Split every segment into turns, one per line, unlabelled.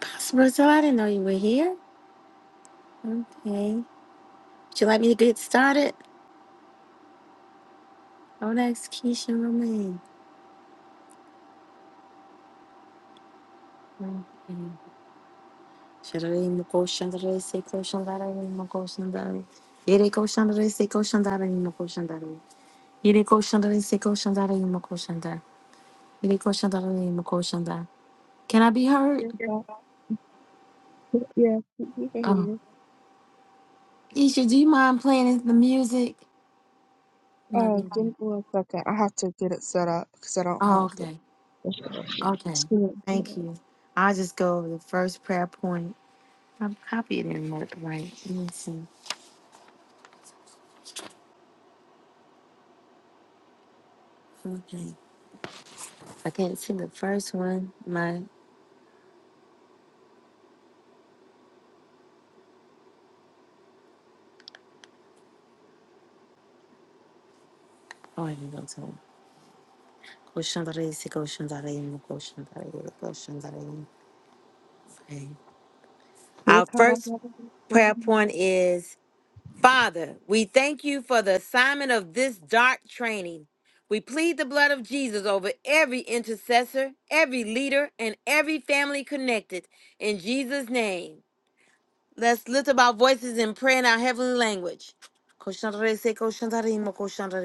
Pastor Rosal, I didn't know you were here. Okay. Would you like me to get started? Oh, next Keisha Romaine. Okay. Sharari Mukho Shandari Seko Shandari Mukho Shandari. Yere Ko Shandari Seko Shandari Mukho Shandari. Yere Ko Shandari Seko Shandari Mukho Shandari. Yere Ko Shandari Mukho Shandari. Can I be heard?
Yes, I- yeah, you you can hear
Oh.
me.
Keisha, do you mind playing the music? Not
Uh, give
really.
me one second. I have to get it set up because I don't
Oh,
have the
okay. Okay.
screen.
Thank you. I'll just go over the first prayer point. I'm copying and marked right. Let me see. Okay. I can't see the first one. My oh, I can go to Goshandarese, Goshandarema, Goshandarema, Goshandarema. Okay.
Yeah,
Our
God, I
first
gotta get so
prayer
much-
point is Father, we thank you for the assignment of this dark training. We plead the blood of Jesus over every intercessor, every leader, and every family connected. In Jesus' name. Let's lift up our voices and pray in our heavenly language. Koshantarese, koshantarimo,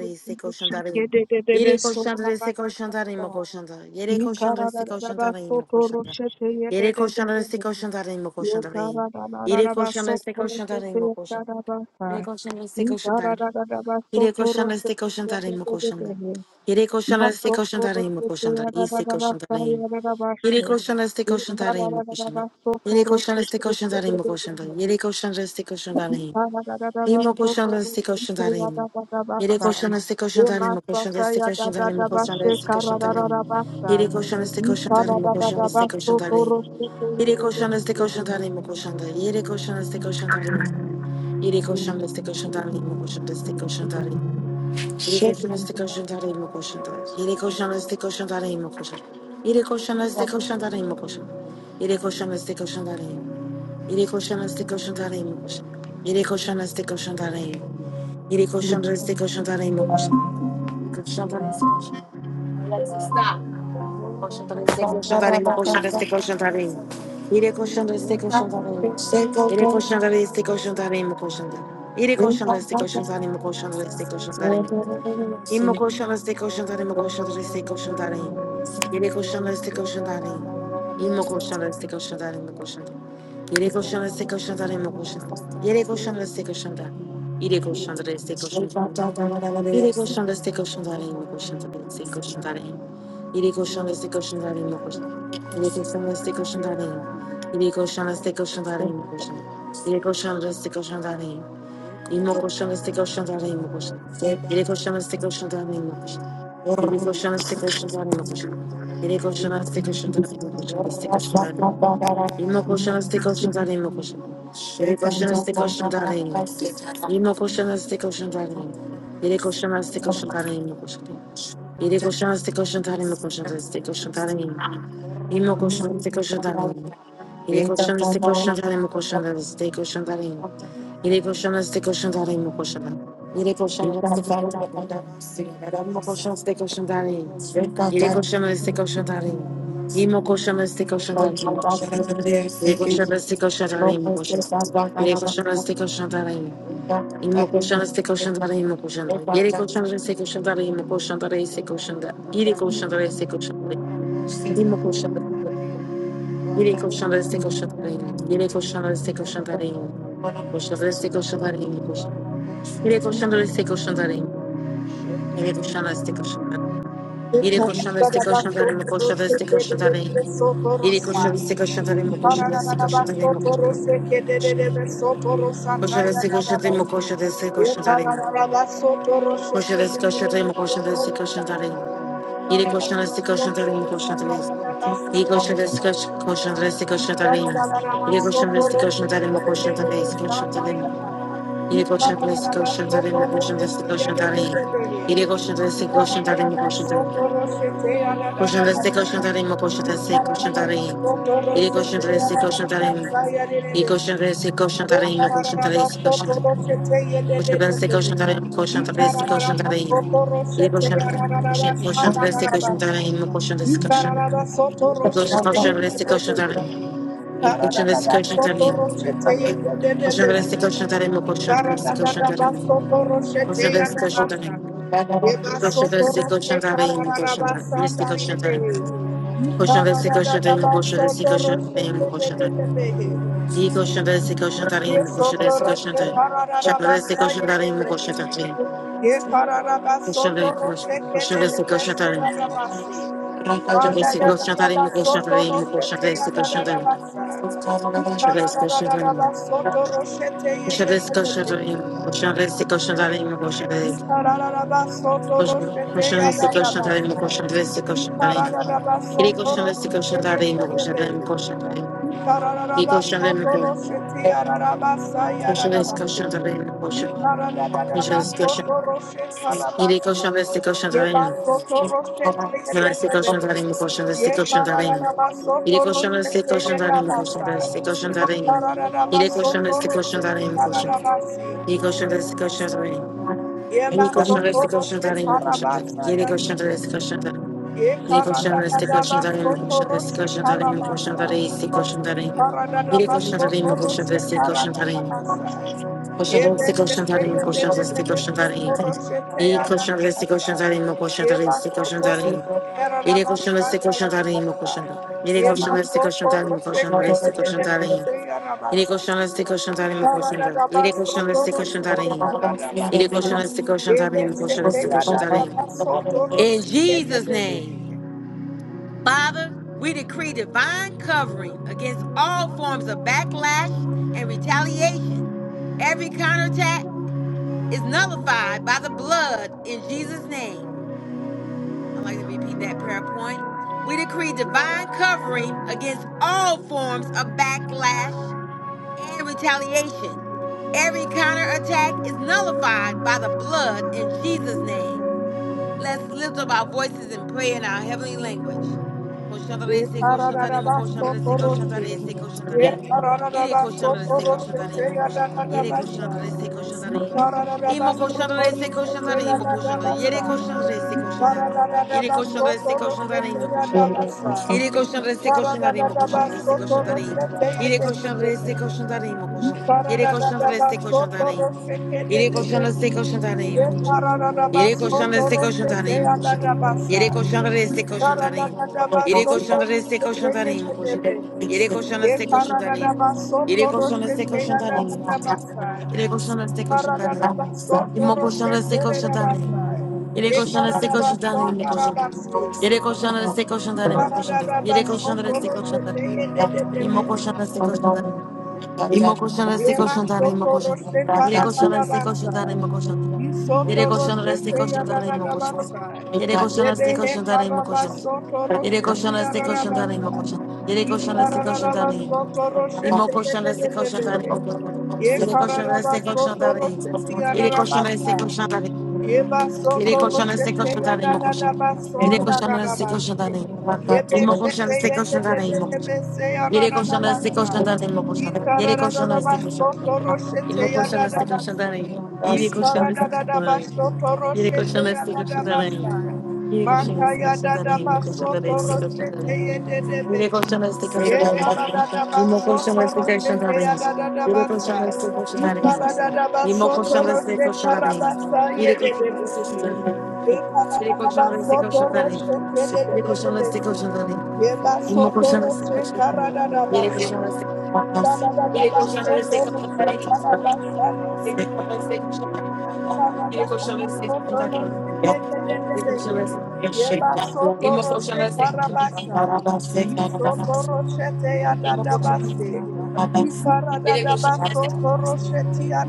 so much shit. Yeah,
koshantarimo.
they- they- they been
Yere
so bad,
koshantarese,
bad, bad,
koshantarimo,
bad.
koshantar. Yere
Yeah, God, I
koshantarese,
gotta get back so
koshantarimo,
to
koshantar.
shit. Yeah, they-
Yere
they- they-
koshantarese,
they-
koshantarimo,
Yeah,
koshantar.
God, I gotta
Yere
get back so
koshantarese,
to shit.
koshantarimo,
Yeah,
koshantar.
God, I gotta get
Yere
back.
koshantarese,
Yeah,
koshantar.
so
Yere
to
koshantarese,
shit. Yeah,
koshantarimo,
they- they-
koshantar.
they- they.
Yere
Ye
koshantarese, koshantarimo, koshantar. Yese koshantarimo. Yere koşan reste koşan tarayın mı koşan? Yere koşan reste koşan tarayın mı koşan? Yere koşan reste koşan tarayın. İmo koşan reste koşan tarayın. Yere koşan reste koşan tarayın mı koşan? Reste koşan tarayın mı koşan? Reste koşan tarayın. Yere koşan reste koşan tarayın mı koşan? Reste koşan tarayın. Yere koşan reste koşan tarayın mı koşan? Yere koşan reste koşan tarayın. Yere koşan reste koşan tarayın mı koşan? Reste koşan tarayın. Yedi
Shake
koşan lastik koşan tarayı mı koşan tarayı? Yedi koşan lastik koşan tarayı mı koşan? Yedi koşan lastik koşan tarayı mı koşan? Yedi koşan lastik koşan tarayı mı? Yedi koşan lastik koşan tarayı mı koşan? Yedi koşan lastik koşan tarayı mı? Yedi koşan lastik koşan tarayı mı koşan? Yedi koşan lastik koşan Alexa, stop. Koşan tarayı mı koşan tarayı mı koşan lastik koşan tarayı mı? Yedi koşan lastik koşan tarayı mı? Yedi koşan lastik koşan mı koşan tarayı? Imoko shana steko shantare moko shana steko shantare. Yereko shana steko shantare. Imoko shana steko shantare moko shantare. Yereko shana steko shantare moko shantare. Yereko shana steko shantare. Ireko shantare steko shantare. Ireko shana steko shantare moko shantare steko shantare. Ireko shana steko shantare moko shantare. Ireko shana steko shantare. Ireko shana steko shantare moko shantare. Ireko shana steko shantare. Imoko shana steko shantare moko shantare. Ireko shana steko shantare moko shantare. Yedi koşana sık koşan tane mi koşan? Yedi koşana sık koşan tane mi koşan? Yedi sık koşan tane mi? Yirmi koşana sık koşan tane mi koşan? Yedi koşana sık koşan tane mi? Yirmi koşana sık koşan tane mi? Yedi koşana sık koşan
and
tane mi koşan? Yedi koşana
Thank
sık koşan tane mi koşan? Yedi sık koşan tane mi? Yirmi koşana sık koşan tane mi? Yedi koşana sık koşan tane mi koşan? Yedi sık koşan tane mi? Yedi koşana sık koşan tane mi koşan? Yedi koşana sık koşan tane mi? Yirmi koşana sık koşan tane mi? Yere koşanlar istek koşan tarihim. İmo koşanlar istek koşan tarihim. Yere koşanlar istek koşan tarihim koşan. Yere koşanlar istek koşan tarihim. İmo koşanlar istek koşan tarihim koşan. Yere koşanlar istek koşan tarihim koşan tarihim istek koşan da. Yere koşanlar istek koşan tarihim. İmo koşanlar Yere koşanlar istek koşan tarihim. Yere koşanlar istek koşan tarihim. Koşanlar istek koşan tarihim koşan. Yere koşanlar istek koşan tarihim. Yere koşanlar istek koşan tarihim. Yere
Thank
koşanlar istek koşan tarihim koşanlar istek koşan tarihim. Iri koşu ve koşu tarayım mı koşu ve koşu tarayım mı koşu koşu ve koşu tarayım mı koşu ve koşu tarayım koşu ve koşu tarayım mı koşu ve koşu tarayım Iri
you.
koşu ve koşu tarayım mı koşu ve
Thank
Iri koşu ve koşu koşu ve koşu tarayım Iri koşu ve koşu tarayım mı koşu ve koşu tarayım Iri koşu ve koşu tarayım mı koşu ve koşu tarayım
you.
Iri koşu ve
Thank
koşu tarayım mı koşu Question the second shantarim, more question the second shantarim. Ili question the second shantarim. Ili question the second shantarim, more question the second shantarim. Question the second shantarim, question the second shantarim. Ili question the question the second shantarim, more question the second shantarim. Ili question the second shantarim. Question the second shantarim. Question the
you.
second shantarim, more
Ye
question the second shantarim. Question the second shantarim. Question the second shantarim, more question the
Manda ya
second
da
shantarim. Question the second
da
shantarim,
ba
more
soto roshete ya da da da
question
ba sa.
the second shantarim, I question the question that he question the question that Chandra the question that he question that he question the question the question that he Chandra
Ikara
the
da da
question
da
that
da ba
he
soto roshete ye de de
question
de
that he
de.
question the question that he Chandra the question that he
Ye
question the question that he question the question that he question the question the question that he question the question that he he question the question that he question the question that he he question the question the question that he question question the question he question the question that Yine istek olsun zarayım, koşun da istek olsun zarayım. Yine koşun da istek olsun zarayım, koşun da istek olsun zarayım. Yine koşun da istek olsun zarayım, koşun da.
Ikararabasotoroshetiararabasi.
Yine koşun da istek olsun zarayım. Yine
Yema
koşun da
soto
istek olsun
roche
zarayım, koşun da.
karabasa
Yine
ya
koşun da
debes.
istek olsun zarayım.
Ye
Yine koşun
karada
da
da
istek
da
olsun
ba
zarayım,
soto
koşun da istek
roche
olsun zarayım, koşun da
karabasa.
istek olsun
you.
zarayım.
Karada da
Yine
ba
koşun da
soto
zarayım, koşun da
roche
istek olsun
karada da
zarayım.
basa.
Koşun
Ye
da istek
bese
olsun
te
zarayım,
ye de
koşun da
de de
istek
de
olsun
soto
zarayım.
Thank
roche te
Yine
ya da
koşun
da
da istek olsun
basa.
zarayım, koşun
Ye
da
ba
istek olsun
soto
zarayım.
roche karada
Yere koşanlar
basa
size
ya da da
koşanlar imo
basa.
koşanlar. Yere
Ye ma
koşanlar size
soto
koşanlar imo
roche
koşanlar
ke de
size
de de
koşanlar
de se ya
Yere
da
koşanlar size koşanlar
Ye Ikara da
imo
da
koşanlar.
da ba
Yere
so
koşanlar size
toro se
koşanlar
te
Yere koşanlar size koşanlar imo koşanlar size koşanlar In Jesus name, Father, we decree divine covering against all forms of backlash and retaliation. Every counterattack is nullified by the blood in Jesus name. I like to repeat that prayer point. We decree divine covering against all forms of backlash and retaliation. Every counterattack is nullified by the blood in Jesus' name. Let's lift up our voices and pray in our heavenly language. Koshantarese, koshantarimo, koshantarese, koshantarese, koshantarim. Ire koshantarese, koshantarimo, koshantar- Yere koshantarese, koshantarim. Imo koshantarese, koshantarimo, koshantar- Yere koshantarese, koshantar- Yere koshantarese, koshantarimo, koshantar- Yere koşan reste koşanlarıyım o koşan reste koşanlarıyım.
ye de
Yere
de
koşan
de
reste
de.
koşanlarıyım o
Ye
koşan. Yere koşan reste koşanlarıyım. Yere koşan reste koşanlarıyım o koşan. Yere koşan reste koşanlarıyım o koşan. Yere koşan reste koşanlarıyım. Yere koşan reste koşanlarıyım o koşan. Yere koşan reste koşanlarıyım. Yere koşan reste koşanlarıyım o koşan. Yere koşan reste koşanlarıyım. İmo koşan reste koşanlarıyım. Yere koşanlara
you.
destek olsun tanrım mı koşanlar? Yere koşanlara destek olsun tanrım mı koşanlar? Yere koşanlara destek olsun tanrım. İmo koşanlara destek olsun tanrım. İmo koşanlara destek
Yema
olsun tanrım mı
soto
koşanlar?
roche
Yere koşanlara
karadada
destek olsun
basai.
tanrım mı koşanlar?
Yi
Yere
soto
koşanlara
roche
destek
teya
olsun tanrım mı
dadada
koşanlar?
basai.
Yere koşanlara
Bebe
destek
he
olsun tanrım mı
karaba
koşanlar?
soto
Yere
roche
koşanlara
tiya
destek
dada
olsun tanrım mı
basai.
koşanlar? Yere
Yi
koşanlara destek olsun
karadada
tanrım.
soto roche
İmo
teye
koşanlara
dede
destek olsun
dede he.
tanrım mı koşanlar?
Ye
Yere koşanlara
karadada
destek olsun
soto
tanrım.
roche tiya
Yere
dada
koşanlara destek
basai.
olsun tanrım.
Yeba
Yere
soto
koşanlar istek
rochete ya
koşanlar
da
imo
da
koşan.
da ba
Yere
son da da
koşanlar
da
istek
ba
koşanlar
se.
imo.
Yebe
İmo koşanlar
sete
istek
ye de de
koşanlar
de
imo
de
koşan.
be se ya ra
Yere
da da
koşanlar
ba
istek
sa.
koşanlar imo koşan.
Yika
Yere
ra da da
koşanlar
da ba
istek koşanlar imo.
soto
İmo
rochete ya da
koşanlar
da
istek
ba
koşanlar
se.
imo. Yere
Yika ra
koşanlar
da
istek
da da
koşanlar
ba
imo.
soto
Yere
rochete
koşanlar
ya
istek
da da ba
koşanlar imo.
sa.
Yere koşanlar
Maka
istek
ya da
koşanlar
da
imo
ba
koşanlar
soto
istek koşanlar
rochete
imo.
ye de de be
Yere
he.
koşanlar istek koşanlar
Ye
imo.
kara da da ba
İmo koşanlar
soto
istek koşanlar
rochete ya
imo.
da da da
Yere
ba
koşanlar
sa.
istek
Ye
koşanlar imo. İmo koşanlar istek koşanlar imo. Yere koşanlar istek koşanlar imo. Ele de esse colchão da lei. Ele colchão, esse colchão da lei. E meu colchão, de colchão da lei. Ele colchão, esse Ele colchão, esse colchão da lei. Ele colchão, esse colchão da lei. Ele colchão, esse colchão da lei.
Thank you.
Ele colchão, esse.
Thank
E meu colchão, esse colchão da lei. E meu colchão, esse.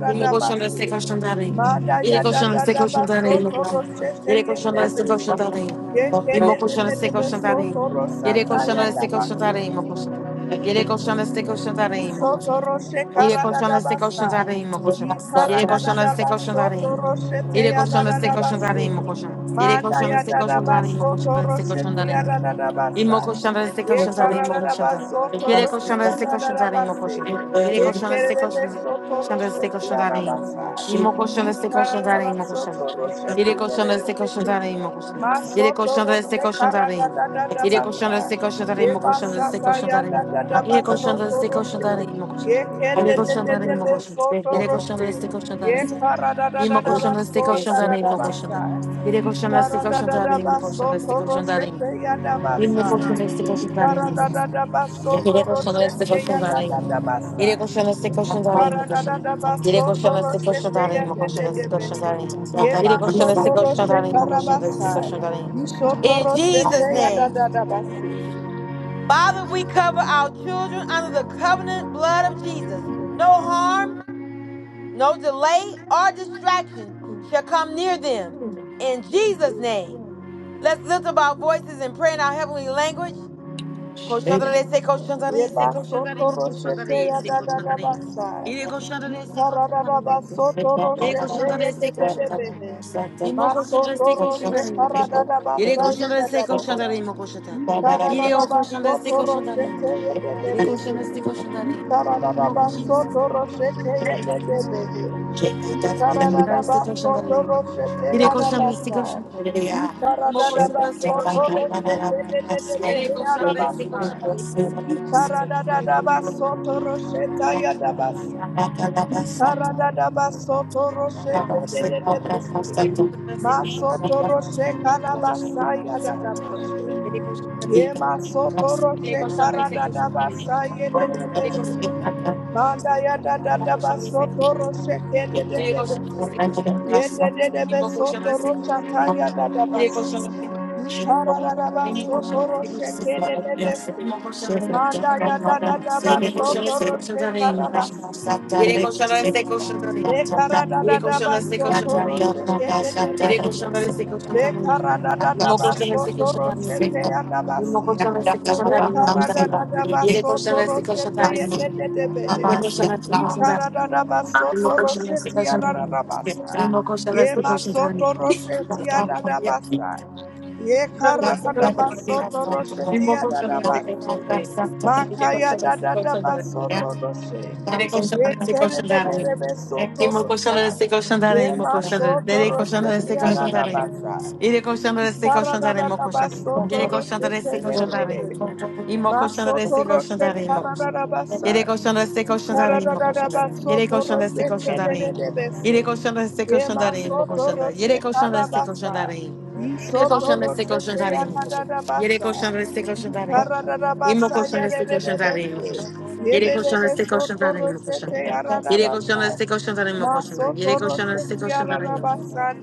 Yine koşan destek koşan darayım.
Manda
Yine
ya da
koşan
da
destek
da ba
koşan
so
darayım. Yine koşan.
toro shete
Yine
ye
koşan destek
bebe.
koşan darayım.
Ye kede
Yine
de de
koşan
de de
destek
be
koşan
so
darayım.
toro
Yine
sata
koşan
ya da
destek
ba
koşan
se.
darayım. Yine koşan. Yine koşan destek koşan darayım. Yine
Isoto
koşan.
roshe
Yine
karada
koşan
da
destek koşan
basa.
darayım. Yine koşan. Yine
Ikarada da
koşan
da
destek koşan
basa,
darayım.
te
Yine
ya
koşan destek koşan
Isotoroshe karadadabasa. da teyadadadabase.
darayım. Yine koşan. Yine
Manda
koşan destek koşan darayım. Yine koşan destek
yadadabasotoroshe
koşan darayım.
teyadadadabasa.
Imo colchão da este colchão da imo colchão da. Ele colchão
Yekaradadabasotoroshe
da este colchão da imo
teyadadabase.
colchão. Ele colchão da este colchão da
Yekerebesotoroshe
este colchão da imo.
teyadabasa.
Imo colchão da este colchão da imo colchão.
Ikarabasotoroshe
Ele colchão da este colchão
teyadadabahe.
da imo colchão. Ele
Masoto
colchão da este
rose
colchão da
karada
imo.
da da da
Ele colchão da
basa.
este colchão
Ye
imo colchão da
basa
este
ta
colchão
ya da
imo.
da da
Ele colchão da
basoto
este colchão
rose.
imo colchão.
Ye ke
Ele
de
you.
de
colchão
de
da
de
imo
de
colchão.
soto
Thank
Ele colchão da
rose.
este colchão
Ye
imo.
karada da da
Imo
da
colchão da este
baso
colchão
la da da
imo colchão da.
basa.
Ele
Ye
colchão da este
karada da da
imo colchão
baso
da este
basoto
colchão
rose
imo.
te ya da
Mismo
basa.
colchón este
Ye
colchón de arena.
karada da da
Iré
basoto
colchón
rose
de este
te
colchón
ya
de
da da
arena.
da
Iré
basa.
colchón este
Ye
colchón de arena. Colchón.
Ikararaba
Iré
soto
colchón este colchón de
roshete
arena. Colchón
yedede
este colchón de
behe.
arena. Iré colchón este colchón de arena. Colchón este colchón de arena. In Jesus' name. Father, we cover our children under the covenant blood of Jesus. No harm, no delay, or distraction shall come near them. In Jesus' name. Let's lift up our voices and pray in our heavenly language. Koşanlara rese koşanlara ise koşanlara mı koşanlara ise koşanlara mı? Yine koşanlara rese koşanlara mı? Yine koşanlara rese koşanlara mı? İmo koşanlara rese koşanlara mı koştu? Yine koşanlara rese koşanlara mı koştu? Yine o koşanlara rese koşanlara mı? Yine
you.
koşanlara rese koşanlara mı? İmo koşanlara rese
Ye
Thank
ma
koşanlara mı?
soto
Yine
roche
Yine koşanlara rese koşanlara mı? İmo koşanlara rese koşanlara mı? Yine koşanlara rese koşanlara mı? Iré con Sandra, este
karada
con
da
Sandra.
basa ye de de besi.
you.
Manda ya da da da ba soto roche ke de de
Thank
de de se. Ye de de de be soto rocha ta ya da da ba se. Ikara da da ba soto roche ke de de de se. Manda ya da da da ba soto roche karabasi. Mekara da da da baso toro sheke de de besi. Mekara da da da baso toro shete ya da
Mismo
basi.
colchón este colchón de mismo
Mekara da
colchón.
da da
Y el
baso
colchón este
baso
colchón de mismo colchón. El colchón este colchón de
baso toro
mismo
toro toro ya basi. Ye Bakaya da
colchón
da
este
da baso toro shete ya
colchón de
da da
mismo.
da basa.
you.
Mismo colchón
Ye
este colchón
maso
de mismo.
toro
Thank
shete ya da da basa. Ye kara da da baso baso toro shete
Mismo
ya da
colchón
da
este
basi.
colchón de mismo. Y el
Makaya
colchón
da
este
da da
colchón de mismo.
baso toro roshe.
Dede koşan destek koşan darayım.
Yekelelelebe
İmo koşan
sotorosa.
destek koşan darayım. İmo
Yema
koşan darayım. Dede koşan
sotorose
destek koşan darayım.
yararabasa.
you.
İde koşan destek koşan darayım. İmo
Karararaba
koşan darayım.
Thank
Dede koşan
sotorose
destek koşan darayım.
yede.
İmo
Ma
koşan destek koşan
sotorose
darayım. İmo koşan.
karararabasa.
Yere koşan destek
Ye
koşan darayım. İmo koşan darayım. Yere koşan destek koşan darayım. Yere koşan destek koşan darayım. İmo koşan darayım. Yere koşan destek koşan darayım. Yere koşan destek koşan darayım. İmo koşan. Yere koşan destek koşan darayım. İmo koşan destek koşan darayım. İmo koşan. Yere koşan destek koşan tarayın mı koşan? Yere koşan destek koşan tarayın mı koşan? Yere koşan destek koşan tarayın.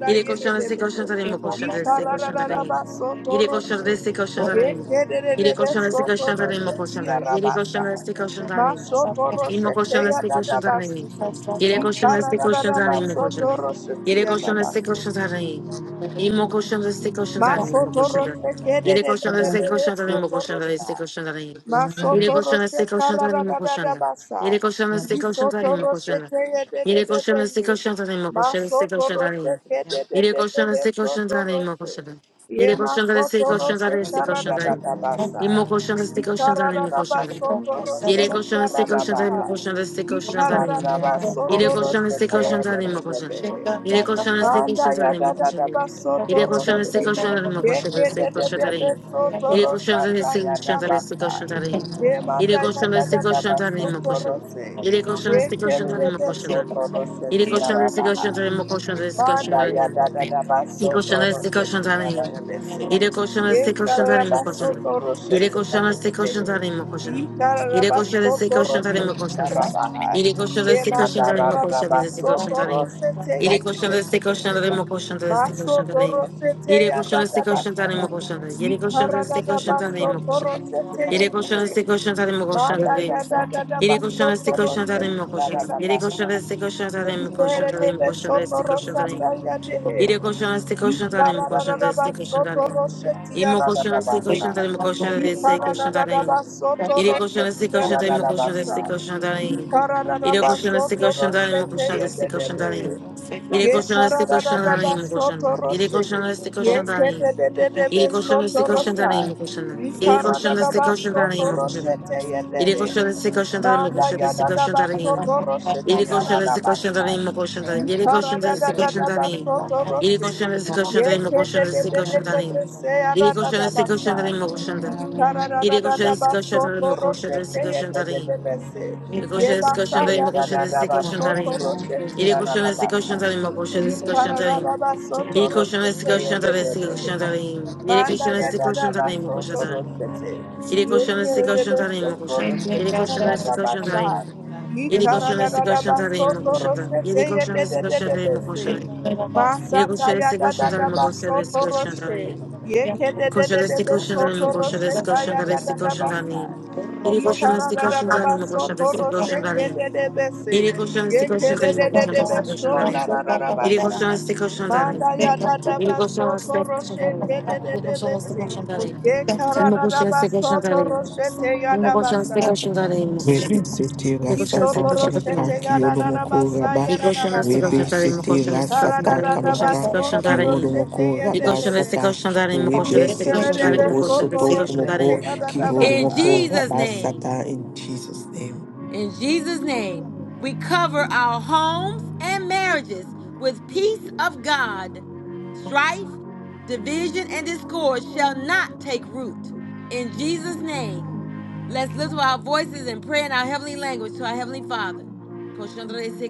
Yere koşan destek koşan tarayın mı koşan? Destek koşan tarayın. Yere koşan destek koşan tarayın. Yere koşan destek koşan tarayın mı koşan? Yere koşan
Ye
destek koşan tarayın.
Masoto
İmo
roshete
you.
koşan
ya
destek koşan tarayın.
dadabasi.
Yere
Thank
koşan destek koşan
Ikarararaba
tarayın mı
soto
koşan?
roshete
Yere
ya
koşan destek
dabasi.
koşan tarayın. İmo koşan destek koşan tarayın mı koşan?
Masotoro se kede
Yere
de de
koşan
de
destek
de de
koşan tarayın mı
sotoro
koşan? Destek koşan tarayın. Yere koşan istek koşan
karada
tarihimi
da da da
koşanlar.
basa.
Yere koşan istek koşan tarihimi
Misotoro se
koşanlar.
kede de de
Yere
de
koşan
de
istek
de.
koşan tarihimi koşan istek koşan tarihimi.
kede de de
Yere
de
koşan
de
istek koşan
sotoro
tarihimi koşanlar.
Ye
Yere koşan istek
masotoro
koşan
se
tarihimi istek koşan
karada da
tarihimi.
da basa.
İmmo koşan istek koşan
Ikarada
tarihimi
da
koşanlar.
basotoro
Yere koşan istek
karada
koşan tarihimi
baha.
koşan istek koşan
Ikarada
tarihimi.
da
Ele
basotoro
koşan istek koşan
kede de
tanıyım
de
mı
de
koşan? Ele koşan istek koşan
Manda ya
tanıyım
da
mı
da da
koşan?
ba soto
Ele koşan istek
roche.
koşan tanıyım mı koşan?
Yeke de
İstek
de
koşan
de de
tanıyım.
soto
Ele koşan
rocha ta
istek
ya da
koşan tanıyım
ba
istek
sa.
koşan tanıyım.
Ye
Ele
manda ya
koşan
da da
istek
da
koşan
ba
tanıyım mı
soto
koşan?
roche.
Ele koşan istek
Yeke
koşan
de de
tanıyım mı
de
koşan?
soto roche
Ele
ti ya
koşan
ra
istek
ba
koşan
ha.
tanıyım mı koşan? İstek koşan
Manda ya
tanıyım.
da da da
İle
baso
koşan
toro
istek koşan
shete ya la
tanıyım.
ya bese.
Yere koşan
Ye
destek
kara
koşan
da
tarih mi
baso
koşan?
toro
Yere
shete ya
koşan
da ya
destek koşan
behe.
tarih mi koşan?
Ye kara da
Yere
you.
koşan destek koşan
toro
tarih mi
shete ya
koşan?
da
Yere koşan
Ye
destek
na
koşan
da
tarih
da
mi
da da
koşan? Destek koşan tarih
toro
mi?
shete ya
Yere koşan
da ya
destek koşan
behe.
tarih mi koşan? Destek
Maso
koşan tarih mi?
toro shete
Yere
ya
koşan
da
destek
da
koşan
basa.
tarih mi koşan?
Ye
Yere koşan
kara da
destek
da
koşan tarih
baso
mi koşan?
toro shete ya
Yere
da
koşan
he.
destek koşan tarih mi koşan?
Manda ya
Yere
da da da
koşan
baso
destek
toro
koşan tarih mi
shete ya da
koşan?
da
Yere koşan
basa.
destek koşan tarih mi
Ye Ikara da
koşan?
da
Yere koşan destek koşan tarih mi koşan? Ide koşan ste koşan tarim koşan da ste
ba
koşan
soto
tarim.
rosheti
İmo koşan ste koşan
yaradadabasa.
tarim koşan da ste koşan
Ikarararaba
tarim.
soto
İde koşan ste
rosheti
koşan tarim koşan da
yaradadabasa.
ste koşan tarim. İde koşan ste koşan tarim koşan da ste koşan tarim.
Thank
İde koşan ste koşan
you.
Ikarararaba
tarim koşan da. İde koşan ste koşan tarim. İde koşan ste koşan tarim koşan da. İde koşan ste koşan
soto
tarim koşan da.
roshete
Ele
ye
cochou desse colchão da lima,
Manda
cochou
ya
desse
da da
colchão
ba
da lima.
soto rosheti
Ele
ya
cochou
da da
desse
ba
colchão da
sa.
lima, colchão da lima. Ele
Para
cochou
da
desse
da da
colchão
da
da
ba
lima.
soto
Ele
roshe.
cochou desse colchão
Ye
da lima,
ke
colchão
de de
desse
de de
colchão da
de
lima.
de se ya da
Ele
da
cochou
da
desse
ba
colchão da
sa.
lima, colchão da
Para da da
Ele
da
cochou
da
desse
ba
colchão da
soto
lima, colchão
roshe
desse
ke ye
colchão
de
da
de
lima.
de de se.
Ele cochou
Ye
desse
ba
colchão
sa
da
ya
lima,
da
colchão
da
desse
da ba
colchão da
soto
lima.
rosheti
Ele
ya da
cochou
da
desse
ba
colchão
sa.
da lima, colchão desse colchão
Para
da
da da ba soto
Ele cochou
roshe
desse
ke ye
colchão da
de de
lima,
de.
colchão Ele
Manda
cochou
ya
desse
da
colchão
da
da lima,
baso
colchão da
toro sete.
Ele coxando
Yeke
esse coxando
rebe
ali,
so
meu
toro
Thank
coxando. Ele
sete ya
coxando esse
dada
coxando
basa.
ali. Ele
Yikara
coxando
da
esse
da da
coxando ali,
baso
meu
toro
coxando. Ele
sete ye
coxando
de
esse
de de
coxando
de
ali, meu
besi.
coxando. Ele
Masata
coxando
ya
esse
da da
coxando ali,
da
meu coxando
baso
esse
toro
coxando
se.
ali.
Yeke de
you.
de
Coxando
de de
esse coxando
beso
ali, meu
toro
coxando esse
sete
coxando
ya
ali,
da
esse
dada
coxando ali.
basa.
Ele
Manda
coxando
ya
esse
da da
coxando ali, meu
so
coxando esse coxando ali. Ele coxando esse coxando ali, meu coxando esse coxando ali. Ele coxando esse coxando ali. Ele coxando esse coxando ali. Ele coxando esse coxando ali.
Ye kara
Ele
da da
coxando
ba
esse
so
coxando ali.
toro she te ya
Imo
da ba
koşan se
sa.
koşan tare imo koşan se.
Rebe sete
Ne
Ye
koşan
so
se
rasata
toro
koşan
she
tare.
kamaka
te ya da
kiolo
da da
moko raba.
Ne koşan se koşan
Rebe
tare imo
sete
Ye
koşan se
kara
koşan
da
rasata
tare
da
imo
da
koşan
ba
kamaka
se
so
koşan tare.
kiolo moko
Ne
raba
koşan se
sata.
koşan tare imo koşan
Rebe
se
sete
kere de
ke
be so
rosoto
toro
kumoko
ya da da ba
kiolo
In
moko
Jesus
raba
name.
sata in Jesus name.
In Jesus' name, we cover our homes and marriages with peace of God. Strife, division, and discord shall not take root. In Jesus' name, let's lift up our voices and pray in our heavenly language to our heavenly Father. Koshantarese,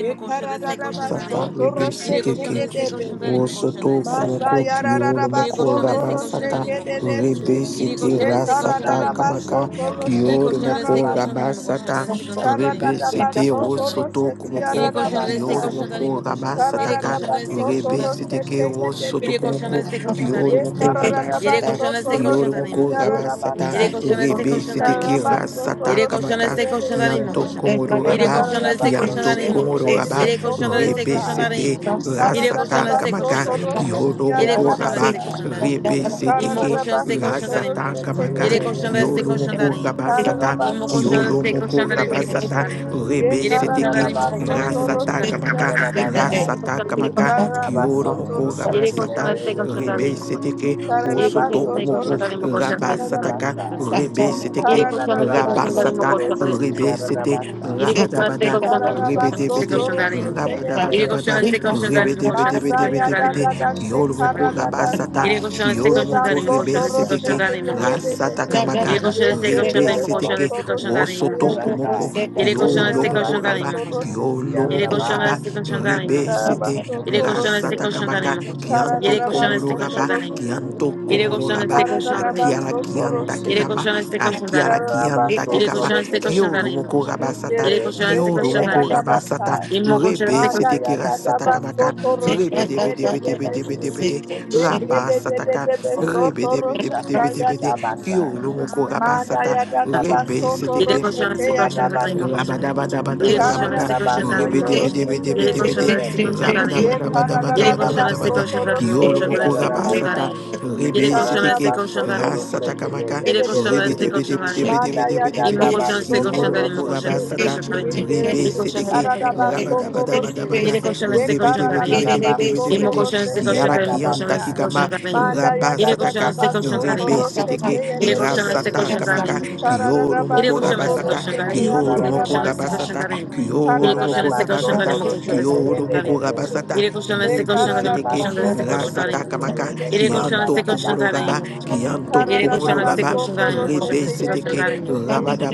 Ye
koshantarese,
karararaba
Sata
koshantarim.
soto
rebe
roche
Ire
sete ke.
kede de
koshantarese,
behe.
koshantarimo,
Osoto
koshantarese,
Masa
Thank
Komoko
koshantarim.
Kyo
yarararaba
İri
Lomoko
koşan
soto
destek
roche
koşandan
Rabasata
inme
kede de
koşandan.
se.
Rebe
you.
İri
Sete
Ye
koşan destek koşandan
Rasata
inme
karararaba
Kamaka
koşandan.
soto roche
İri
Kyo
koşan destek
Lomoko
tiyarabasa.
koşandan inme koşan
Rabasata
destek koşandan inme
Rebe
koşan
Karararaba
Sete
destek
soto
koşandan inme.
Osoto
roche
İri
Komoko
koşan
tiyarabasa.
destek
kioro
koşandan inme
moko Lomoko
koşandan. Yere
Rabasataka
koşan
Karararaba
destek
soto
Rebe
koşandan inme
roche
Sete Ke
koşandan.
teye de de
Osoto
Biri koşan
behe.
Komoko
destek koşandan
Kyo
Ye
inme
Lomoko
koşandan. Yere
Rabasata
kararabaso
koşan destek
toro
Kyo
koşandan
sheti
inme
Lomoko
koşandan.
Rabasata
yararabasa.
Yere koşan destek
Rebe
koşandan
Sete
inme
Ke
koşandan.
Ikarabaso
Rasata
toro
Yere koşan
sheti
Kamaka
destek koşandan inme
yerebehe.
Kianto
koşandan.
Komoro
Ye
İri
Raba
koşan destek
kararabaso
koşandan
Kianto
inme
Komoro
koşandan.
yerebehe
Raba
Yere koşan
toro
destek
Rebe
sa.
koşandan
Sete
inme. Yere koşan
rasata
da size
Ikararabaso
koşan
kamaka
da
toro
imo koşan.
sheti
kiolo
Yere
moko
koşan da
raba
size
yararabasa.
koşan da imo.
rebe
Thank you.
İmo
seteke
koşan size
Ikararabaso
koşan da
toro
imo
rasata
sheti
koşan.
Thank
kamaka
Yere koşan da size
yerebehe.
kiolo
koşan da
moko
imo.
raba sata
İmo
Kararabaso
koşan da
toro
kiolo
size
sheti
koşan
moko
da
raba
size
sata
koşan da
yerebehe.
imo.
Ye
rebe
Yere koşan da
seteke
imo
kararabaso
koşan da size
toro
koşan da
rasata
imo.
sheti
Yere
kamaka
yararabasa.
rasata
koşan da
kamaka
size koşan da imo.
Ikararabaso
kiolo
toro
moko raba
Yere
sheti
koşan
sata
da size koşan
yerebehe.
da
rebe
imo.
seteke
Il est conscient
osoto
Kararabaso
de conscient
komoko
d'aller me
Toroshiki
conscient de
raba
l'éducation.
sataka
Kararabasa.
rebe
Il
seteke
est conscient de ses
raba
conscients
Kararabaso
d'aller me
sata
conscient
Toroshiki
rebe sete
Kararabasa.
Il est conscient de ses
rabadabada
conscients d'aller
rebe
de
Kararabaso
ses
debede
Toroshiki
Il est conscient de ses
Kararabasa.
conscients d'aller me conscient de ses
Masaya da
Ribidi-bidi-bidi-bidi-bidi.
da da
de ses
shekara
Kiolumoko
da da
rabasata.
Il est
sa.
conscient de ses conscients
Eba
d'aller
Kiolumoko
me conscient
soto
de ses
roche
ribeseteke.
te
you.
yere de
Rasata
behe.
Il est
kamaka.
conscient
Ye
de ses
kere
conscients
de
d'aller
be
me conscient de
Ribeseteke.
soto
ses
roche ta
komoko,
yara kai.
kumoko.
Il est
Ye
conscient de ses
kere ba
conscients
Kiolumoko
d'aller
raba.
soto roche ti yara
Il
da
est
Kiolumoko
ba
conscient de
hai.
raba.
ses conscients d'aller
Ye
Rebe
ba
sete
Il est
soto
conscient de
roche.
ses
Rasata
conscients d'aller
kamaka.
Kara
Il est
Kianto
ba
conscient de
komoro
ses conscients
soto
raba.
d'aller.
roche.
Kianto
Yere
komoro
koşan
raba.
este koşan da benim
Akiara
koşan.
kianda
Karararabasotoroshe,
Yere
kikama.
koşan este koşan da
Akiara
benim.
kianda
Yere
kikama.
koşan este
kararabasotoroshe, Karabasotoroshe,
koşan da benim
Kiolumoko
koşan.
rabasata.
Yere koşan este
ikeresete
koşan da
Kiolumoko
benim.
edadabasa,
rabasata.
İmmo koşan
Rebe
este
manda
koşan
setekera satakamaka.
yadadabasotoroshe
Rebe debe debe debe debe
kededebese,
debe de. bede bede bede bede bede. Raba sataka. Rebe debe
yekededededebesotorosha
debe debe debe de. bede bede bede bede.
koşan da
tayadabasa,
benim koşan.
Kiolo moko raba
Koşan
manda
sata.
da benim.
Rebe
Yere
seteke.
yadadabasotoroshe
koşan este koşan da
teyadabasa.
benim koşan. Yere
Manda
koşan
ya
Rabadabadabadabadabada.
este
da da da
koşan
baso
da benim koşan. Yere
Rebedebedebedebedebede.
koşan este koşan da benim.
Ye
Yedi koşan destek
Rabadabadabadabadabadabada.
koşan garin mi
Kiolo
koşan da
moko
destek koşan
rabasata.
garin.
Rebe
Yedi koşan
seteke.
destek koşan garin mi
Rasata
koşan.
kamaka.
Yedi koşan destek koşan garin. İmmo
Rebedebedebedebedebedebede.
koşan destek koşan
Kiolo
garin mi
moko
koşan destek koşan
rabasata.
garin.
Rebe
Yedi koşan
seteke.
destek koşan garin mi koşan.
Rabadabadabadabada.
Yedi
it's you.
koşan destek koşan
Ikararabasotoroshete
garin.
Thank
İmmo
Rebedebedebedebedebede.
koşan destek koşan
Kiara
garin mi koşan
kianta
destek koşan
kikama.
garin. Yedi koşan
Rabasataka.
destek koşan garin.
Rebe seteke.
Yedi koşan destek
Rasata
koşan garin
kamaka.
mi koşan.
Kiolo
Yedi
moko
koşan destek
rabasata.
koşan garin.
Kioro
Yedi
moko
koşan destek
basa.
koşan
rabasata,
garin.
Ye
Yedi
Kioro
koşan
moko
destek koşan garin
rabasata,
mi koşan destek koşan
Kioro
garin.
moko rabasata,
Yere koşan destek
Rebe
koşan darayım.
seteke,
Koşan destek koşan
Rasata
darayım.
kamaka,
Yere koşan
Kianto
destek koşan
komoro
darayım.
raba,
Koşan.
Kianto
Yere koşan
komoro
destek
raba,
koşan darayım. Koşan
Rebe
destek koşan
seteke,
darayım.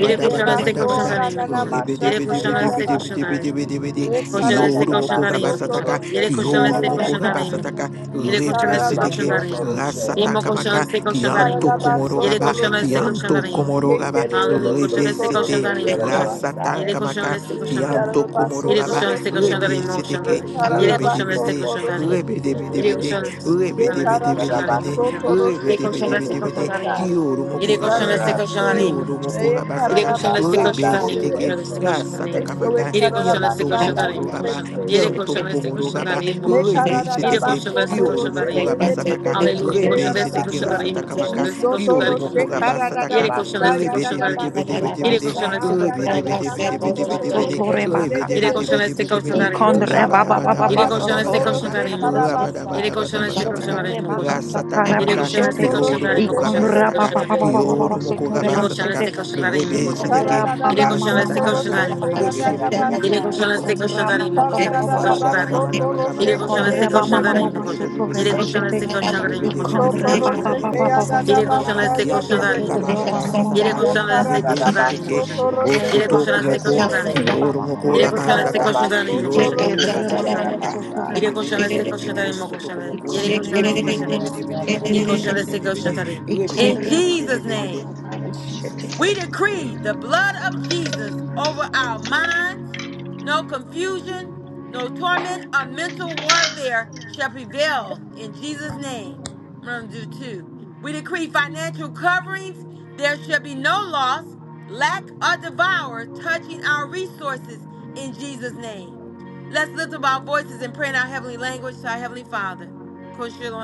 Yere koşan destek koşan darayım. Koşan.
Rebe
Yere
debe debe
koşan
debe
destek
debe
koşan
debe
darayım.
debe debe de,
Koşan destek
Kioro
koşan
moko
da neyim koşan.
rabasataka,
Yere koşan
Kioro
destek
moko
koşan da neyim.
Ikararabasotorose,
rabasataka,
Yere koşan
Rebe
destek
you.
koşan
seteke,
da neyim.
Rasata
İmo koşan
kamaka,
destek koşan da neyim
Kianto
koşan.
komoro
Yere
raba,
koşan destek koşan da
Kianto
neyim.
komoro
Que
raba,
quiere de
Hallelujah.
beso
Koşan
Rebe
destek
torro
koşan
sete
se
da neyim
Take
quiere la
it.
koşan.
Rasata
basaya.
Yere koşan
kamaka
destek
Y
koşan da
cara
neyim.
kianto
de
komoro
baso
Yere
gaba
koşan
torro
destek
se.
koşan da
rebe
neyim koşan da
Que
seteke
neyim.
cara
Yere
de
rebe
koşan
baso
destek
debede
koşan
torro
da
se
neyim.
rebe
quiere de
Yere
debede
beso.
koşan
rebe
Que
koşan destek
cara
koşan
de
da neyim
debede
baso
koşan.
torro
rebe
se
Yere koşan
quiere de
destek
debede
koşan da
besar.
kioro
Y
Yere
moko gaba
koşan destek
cara
sata
de
koşan da
su.
neyim
kioro
koşan.
moko
Y
gaba
cara
sata
de
Irikoshanda stiko
basanda
rebe
de
shandari
seteke
imokoshanda
beso.
stiko
rasata
shandari.
Esto es
kamaka
carara
Irikoshanda
kianto
stiko
bastante
shandari
komoro
de
gaba
imokoshanda.
beso.
kianto
Irikoshanda stiko
komoro gaba
shandari
Ye
imokoshanda.
Ikara
rebe
da da da ba
seteke
Irikoshanda
soto
stiko
kioro moko
roshete
shandari.
gaba
ye
sataka
Hallelujah.
rebe
Koshanda stiko
seteke
shandari
rasata kamaka
imokoshanda stiko
kioro
shandari
moko gaba
imokoshanda.
sataka
Irikoshanda stiko
rebe
shandari.
debede
Irikoshanda stiko
Ui, bidi,
shandari
bidi, bidi,
imokoshanda stiko
bidi, bidi,
shandari
bidi.
imokoshanda.
Sotore
Ui, bidi, bidi,
makasata.
Irikoshanda
bidi, bidi,
stiko
bidi.
shandari
Ikondre
imokoshanda.
baba baba baba
Irikoshanda
sotore
stiko
Rabadabadabadabadabada.
shandari imokoshanda.
makasate.
Thank
Irikoshanda stiko
Rabadabadabadabadabada.
shandari
Ishotore
imokoshanda.
makasata
Rasatakamaka.
Irikoshanda
rabashete.
you.
stiko
Kioro
shandari
moko
imokoshanda
de
Ikondre
stiko
de
rabasataka.
baba baba
shandari.
baba baba
Kioro moko
sotore
Yere koşan
rabasataka.
bakshete.
destek koşanların immo
Rebe
koşanları.
seteke.
Ikondra
Yere
mama
koşan
mama
destek
mama
Rasatakamaka.
sotore
koşanların immo
Rebe,
koşanları.
Rebe,
bakashete.
Rebe,
Yere
Rebe,
koşan
Rebe,
destek
Ikondra
koşanların immo
baba baba
koşanları.
baba
Destek
baba sata.
koşanların. Yere koşan destek
Ikondre
de
mama mama
koşanların
mama
immo
de.
koşanları.
sotore
Yere koşan
bashete.
destek koşanların immo koşanları. Destek
Ikondre baba
koşanların.
Sotoroshete
baba
ya
baba
dada
Yere
sata.
koşan
Kiara
basa
destek
ya
kianta
dede
koşanların immo
kikamanga
koşanları.
Ikedroba mama
Yere
mama
basataka
Ye
mama
koşan destek
soto.
karada
rebe
da
koşanların immo
seteke
baso
koşanları.
Shetere
Yere
toroshete
rosoto
ye
koşan
baka
destek
dede
kumoko
soto
koşanların immo koşanları.
reba
kioro
mama mama
moko
Yere
Ye
mama
koşan
soto.
destek
karada
gabasata
koşanların
baso
immo
kioro
koşanları.
moko
Ikedre
Destek
toroshete
mama
ya da
mama
koşanların.
gabasataka
soto
Yere
reba
koşan
rebe
shete.
destek
seteke
koşanların immo
rosoto
koşanları.
kumoko
Yere
Ikondre
koşan destek
rebe
mama
debe
mama
koşanların.
debe
mama
debe
soto
debe debe
Yere
reba
debe
koşan
shete.
debe
destek
debe de
koşanların.
rebe
Shake
In
debe
it,
Ikondre
debe
mama
debe
Jesus'
mama
debe
name.
de
soto
In
reba shete.
Jesus
We
name we
decree
pray
the blood of Jesus over our minds. No confusion, no torment, or mental warfare shall prevail in Jesus' name. I'm going to do two. We decree financial coverings. There shall be no loss, lack, or devour touching our resources in Jesus' name. Let's lift up our voices and pray in our heavenly language to our heavenly Father.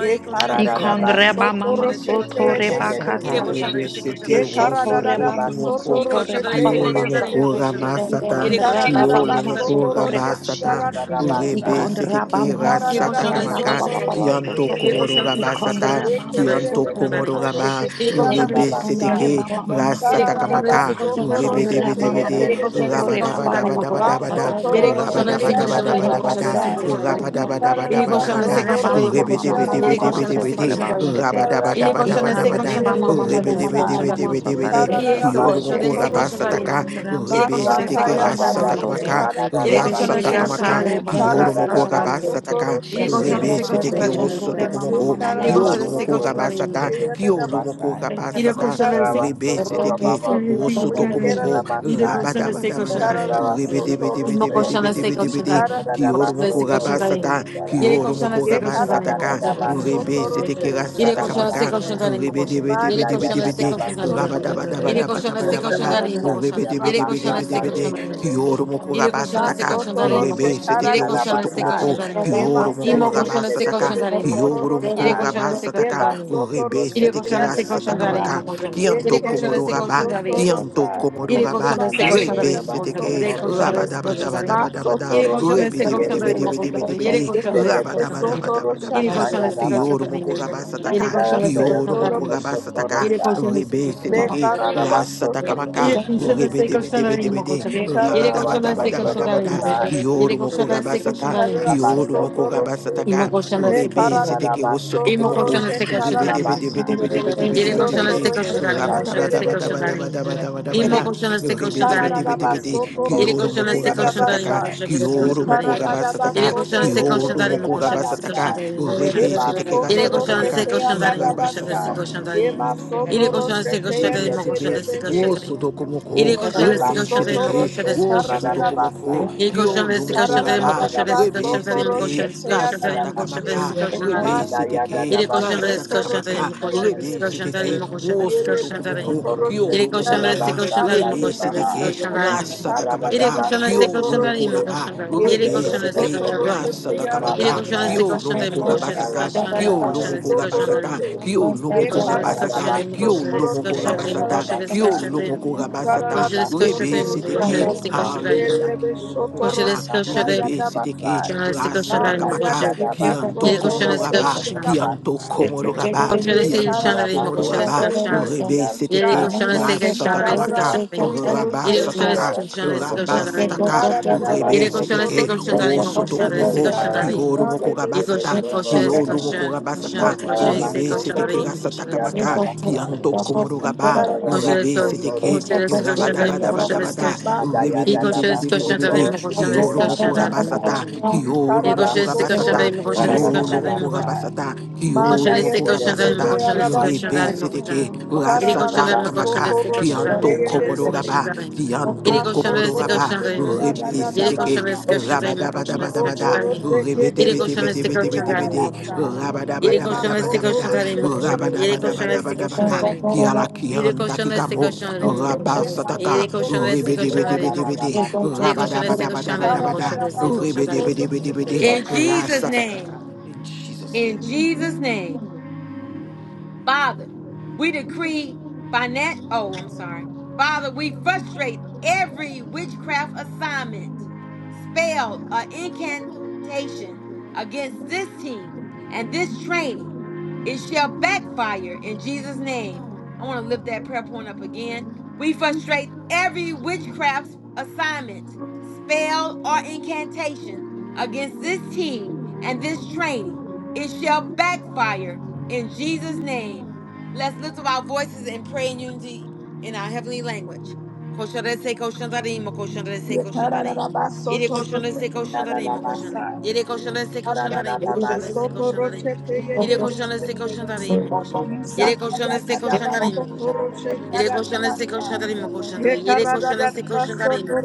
Ye
koshandarese,
karada baso
Ikondreba
koshandarema,
mama
toro
koshandarese,
soto
ye
koshandarema.
de
reba
de de
Ire
Rabasata
behe.
kasata.
koshandarese,
Thank
rebesete
Ye
koshandarema.
karada
rosoto
Ishotoreba mama
baso
kumoko
Y
toro
soto
colchón
reba
de ese
ye
baba
kiolo
de
colchón de
de de
basata.
mismo
moko
colchón
behe.
y
rabasata
de colchón de
Ikondreba
ese
Karada
kiolo
colchón
mama
de
baso
mismo
moko
soto
toro
colchón.
reba
shete
rabasata
shiti.
yarada basa.
rebesete
Ikondreba
Ye
ke
mama
Y de
karada
rasata
soto
colchón de
reba
ese
baso
kamaka
baba
colchón de
toro
mismo.
baba
kianto
soto.
ye
Y de
de
komoro
de
colchón de
behe.
rabasata
Ikondreba
Ye
mama
kerere
ese
kianto
colchón
soto
de
baso
komoro
reba
toro
mismo.
raba
shiti.
Y de
shete
colchón de
yarada
ese colchón
rebesete
de
basa.
mismo.
ke
Ikondreba
Ye
mama
Y de
rasata
karada
soto.
colchón de ese
kamaka
baso
colchón de
toro
mismo.
rebede bede
Ikondreba
ye
bede
de
Yere
mama
de de
koşan
soto
ise
behe.
reba
rabadaba
koşan
baba
zalim
daba
mi
baba
daba
koşan?
daba da
Maso
basata.
Yere
toro
koşan
shete
rabadaba
ise
daba
koşan zalim
daba
mi
yarada
Ikondreba
daba
koşan?
da
mama
Ise
basa.
koşan
mama
zalim mi?
soto.
rabadaba daba
Ikara da
Yere
daba
koşan
baso
ise
daba
koşan
Ikandraba
zalim mi
mama mama
koşan?
mama
Yere
mama
koşan ise
Ribbidi-bidi-bidi-bidi-bidi.
sotareba
koşan zalim mi?
shete.
Yere koşan ise
Rabba-dabba-dabba-dabba-dabba-da.
koşan
Ikandraba
zalim mi
mama
koşan?
mama mama
Ise
mama
koşan zalim
mama
mi?
Ribbidi-bidi-bidi-bidi-bidi.
Yes,
sotareba
koşan
Kiyorumoku
kashete.
you.
ise koşan zalim mi
rabasataka.
koşan? Yere
Thank
koşan
Kandramutore
ise
Ribisitiki
baba
koşan zalim
mama
mi koşan?
rasatakamaka.
soto.
Yere koşan ise koşan
Rasatakamaka.
zalim
Ishatare
mi koşan?
Masaya
Ise
da
Kiyorumoku
koşan
bakasata.
zalim mi?
rabasataka.
Yere koşan
Shetere
ise koşan
baku
Ribisitiki
zalim mi koşan? Yere koşan ise koşan zalim mi koşan?
sotore mama
osotokomoko.
mama
Yere
Yeah.
mama
koşan ise
Kiyorumoku
soto.
koşan zalim mi?
rabasata.
Yere
da basa.
Kiyorumoku rabasata. Ribisitiki
Ikararabasotorababamba.
osotokomoko.
Ikerarabasa.
koşan ise koşan
Rabadabadabada.
Thank
zalim mi? Imo
Ikararabasotorose.
koşan destek koşan
Ribidibidibidibidibidibidi.
tarayın. Koşan
Kiyorumoku
destek koşan
Ikararabasotorose
tarayın.
rabasata
tiara.
Yere
kioro
koşan
moko
destek
raba
koşan tarayın. Imo
sataka,
koşan destek koşan tarayın.
rebe sete
Yekararabasotorose
kira
Yere
sataka
koşan destek
maka,
tiararabasa.
koşan tarayın. Imo
rebe
koşan.
debe debe
Yere
Manda
debe
koşan
you.
debe
destek
de,
koşan tarayın.
raba daba
yadadabasotorose.
daba
Yere
Thank
daba
koşan
daba
destek
daba
koşan
da,
tarayın.
Arabasa
Imo koşan.
rebe debe
Yere
debe
koşan
debe
tiarabasanda
destek
debe
koşan
de,
tarayın.
yededebehe.
kioro moko
Yere
raba
koşan destek
sataka,
koşan tarayın. Imo
Masotoroshe
rebe
koşan.
sete
Yere
kiro
koşan
soto
destek
kararabasa.
koşan
komoko,
tarayın.
Yeba
kioro moko
Imo
sete
koşan
raba
destek
sataka,
koşan
yedebe
tarayın. Imo koşan.
kioro
Yere
moko
sotorosa.
koşan
raba
destek koşan
sataka,
Yeba
tarayın.
rebe
sotoroshe
Yere
sete
koşan
kira
destek koşan
sataka
teyadebasa.
you.
tarayın. Imo
maka,
koşan. Yere
kianto
koşan
komoro
Yekerebe
destek koşan
raba,
tarayın.
kianto
sotorosa.
komoro
Ele
raba,
colchando esse
Yemandare
colchando
Rebe
ali, meu
yedeba
colchando
seteke,
ele colchando
sotoroshe.
esse colchando ali.
rabadabadabadabada,
Ele
Masotoroshe
colchando esse colchando ali, meu
teyedebese.
colchando ele
rebedebedebedebedebede,
colchando esse
Yedebe
colchando ali.
sotorosha
Ele
rabadabadabadabada,
colchando esse colchando
kioro
tayadabasa.
ali,
moko
ele
rabasataka,
colchando
Ikarasa
esse
kioro
colchando
moko
yatorobo
ali.
rabasataka,
Ele
sotorosa.
colchando esse
rebe
Me
colchando.
you.
seteke,
kararabasa
Thank
sotoroshe
rasatakamaka,
Ele colchando esse
teyedebe.
colchando ali, meu
rebedebedebedebede,
colchando. Ele colchando
Ikararabasa
esse colchando ali,
rabadabadabadabada,
meu
sotorobasa.
colchando. Ele
kioro moko
colchando esse colchando
rabasata,
ali.
kioro
you.
Kararabasoto
moko
roshe.
Imo
rabasataka,
colchando
Me
esse
rebe
colchando ali.
seteke
kararabasoto
Imo
osotokomoko,
colchando
roshe
esse colchando
Rebe,
ali.
kararabasa.
Yere koşan
Isoto
rebedebedebedebedebedebedebede,
destek
roshe
koşan darin, mo koşan
tutangere
destek
de
koşan
behe.
darin.
rabadabadabadabadabadabadabada,
İmo koşan destek koşan darin, mo koşan.
Rebedebedebedebede,
Kararabasoto
Yere
roshe
Kioro
koşan
te
moko
destek koşan darin, mo
yadabasa.
rabasataka,
koşan
Thank
destek
Kioro
koşan
moko
darin. Yere
you.
rabasataka,
Ikararabasoto
koşan destek
roshe
koşan
Kioro
te
darin, mo
moko
koşan destek
yadabasa.
koşan
rabasataka,
darin, mo koşan.
Rebe
Yeba
seteke
soto
Yere
rasataka
koşan
roshe
maka,
destek
te
koşan darin, mo koşan
yadabasa.
destek
Rabasataka,
koşan
Rebe
darin.
Yema
seteke.
soto
Yere koşan
roshe
destek
te
koşan
Rebe
darin, mo
yadede
koşan
de
sete,
destek
behe.
koşan
wo
darin.
soto
Yere
komoko,
koşan
Eba
destek
rebe
koşan darin,
soto
mo
seteke,
koşan
roche
destek
wo
koşan
karada
soto
darin.
da
komoko,
basa.
Equal shall
kyo
this
lomoko
discussion to
Karada
him,
da
raba,
da
equal shall this
baso
discussion
rebe
to him,
toro
equal
sete,
shall this
shete ya
discussion
da
to
da
him,
rasata
equal shall
basi.
this
kamaka,
discussion to him.
rebe
Manda ya da
seteke,
da
Equal shall
baso
this
toro
discussion to
Rasataka
him,
shete
Ile
ya
shall
da
this
da
rebe
discussion to
basi.
him,
seteke,
equal shall this
Yere
wosoto
discussion to
baso
komoko,
him.
toro shete
Equal
ya
shall
da
this
raba,
discussion
basa
to
nda ye
rebe
baha.
seteke,
him,
rasata
Karada da
equal
kamaka,
shall this
baso
discussion
toro
Thank
to him.
shete.
Equal
raba,
Yebe
rebe
he
shall this
sete,
discussion
soto
to him,
roche
equal
te
rasata
ya da
kamaka,
shall this
basa.
kioro
discussion to him.
moko
Equal
raba
shall
Eka
this
da
sata,
discussion to him,
basa.
equal
kioro
shall this
moko
Soto
raba
discussion to
sata,
him,
roche.
kioro
Ye
equal shall this discussion to him
karada da baso toro shete ya da basa. Kararabaso
rebe seteke,
torosete.
hallelujah,
Yerebe
kioro
kościele
raba,
shotorosata
rebe
skoszerek,
seteke,
yadabasa.
kościele
rasata
Banda
skoszerek, kościele
kamaka
kościele
kianto
yadadabaso
komoro raba
torosete
skoszerek,
kianto
rabasa.
komoro raba
kościele
Ye
kianto
skoszerek,
komoro
kararabaso
kościele
raba
skoszerek,
torosete
rebe
Yedi
seteke
yashai.
koşana seka
rasata
şana ve seka
kamaka
şana
Kararabaso
benim.
raba
Yedi
torosete
koşana
sataka
seka şana
yarase.
ve seka
raba
şana benim.
sataka rebe
Yedi
you.
Kararabaso
koşana
seteke
seka şana
Thank
torosete.
benim
wosoto
koşana ve
Ye
seka
komoko kioro
kararabaso
moko raba sata
dedebeso
kioro moko
torosete.
raba sata rebe
Kararabaso
seteke rasata
torosete
kamaka
yadabasa.
kianto komoro raba
Ireko
rebe
Kararabaso
seteke
shamestiko
torosete
shandarin,
yarase.
moko shamestiko
Rabadabadabadabada,
Manda ya da da ba so toro
ribidibidibidibidibidi,
shete ya da da ba sa.
kiolumukurabasata,
Ikara ba so toro
kiolumukurabasata,
shete ya da ba sa.
kiolumukurabasata,
Manda ya de de de
kiolumukurabasata,
de ya da ba sa.
ribeseteke,
Ikara da da
rasata
ba so
kamaka,
shandarin.
toro shete
kianto
ya de de de
komororaba,
de.
kianto
Ma
Ireko
so toro
komororaba,
shete ya da da da ba
ribeseteke,
sa. So
rabadabadabadabada,
toro
you.
shete de de de de de da
ribidibidibidibidibidi,
ba sa. E ma so
rabadabadabadabadabada,
toro shete de de
shamestiko
Thank
rabadabadabadabadabada,
shandarin.
kiala
Yedi
kianta
koşan destek
kikamo,
koşan elimi koşan destek.
so
Rabasataka,
Yedi koşan destek koşan
ya da
elimi
da da
ribidi-bidi-bidi-bidi,
koşan.
ba sa.
Yedi koşan destek koşan
Ye
elimi koşan
rabadabadabadabada,
destek koşan elimi.
ribidi-bidi-bidi-bidi,
In Jesus name.
rasatakaka. In Jesus'
In
name we pray.
Jesus name. Father, we decree finan oh, I'm sorry. Father, we frustrate every witchcraft assignment, spell, or incantation against this team and this training it shall backfire in Jesus' name. I want to lift that prayer point up again. We frustrate every witchcraft assignment, spell, or incantation against this team and this training. It shall backfire in Jesus' name. Let's lift up our voices and pray in unity in our heavenly language.
Ye karada da baso
Yedi koşan destek koşan tarayın mı koşan? Yedi koşan destek koşan tarayın mı koşan destek koşan tarayın? Yedi koşan destek koşan tarayın mı koşan? Yedi koşan destek koşan tarayın mı koşan? Yedi koşan destek koşan tarayın mı koşan? Yedi koşan destek koşan tarayın mı?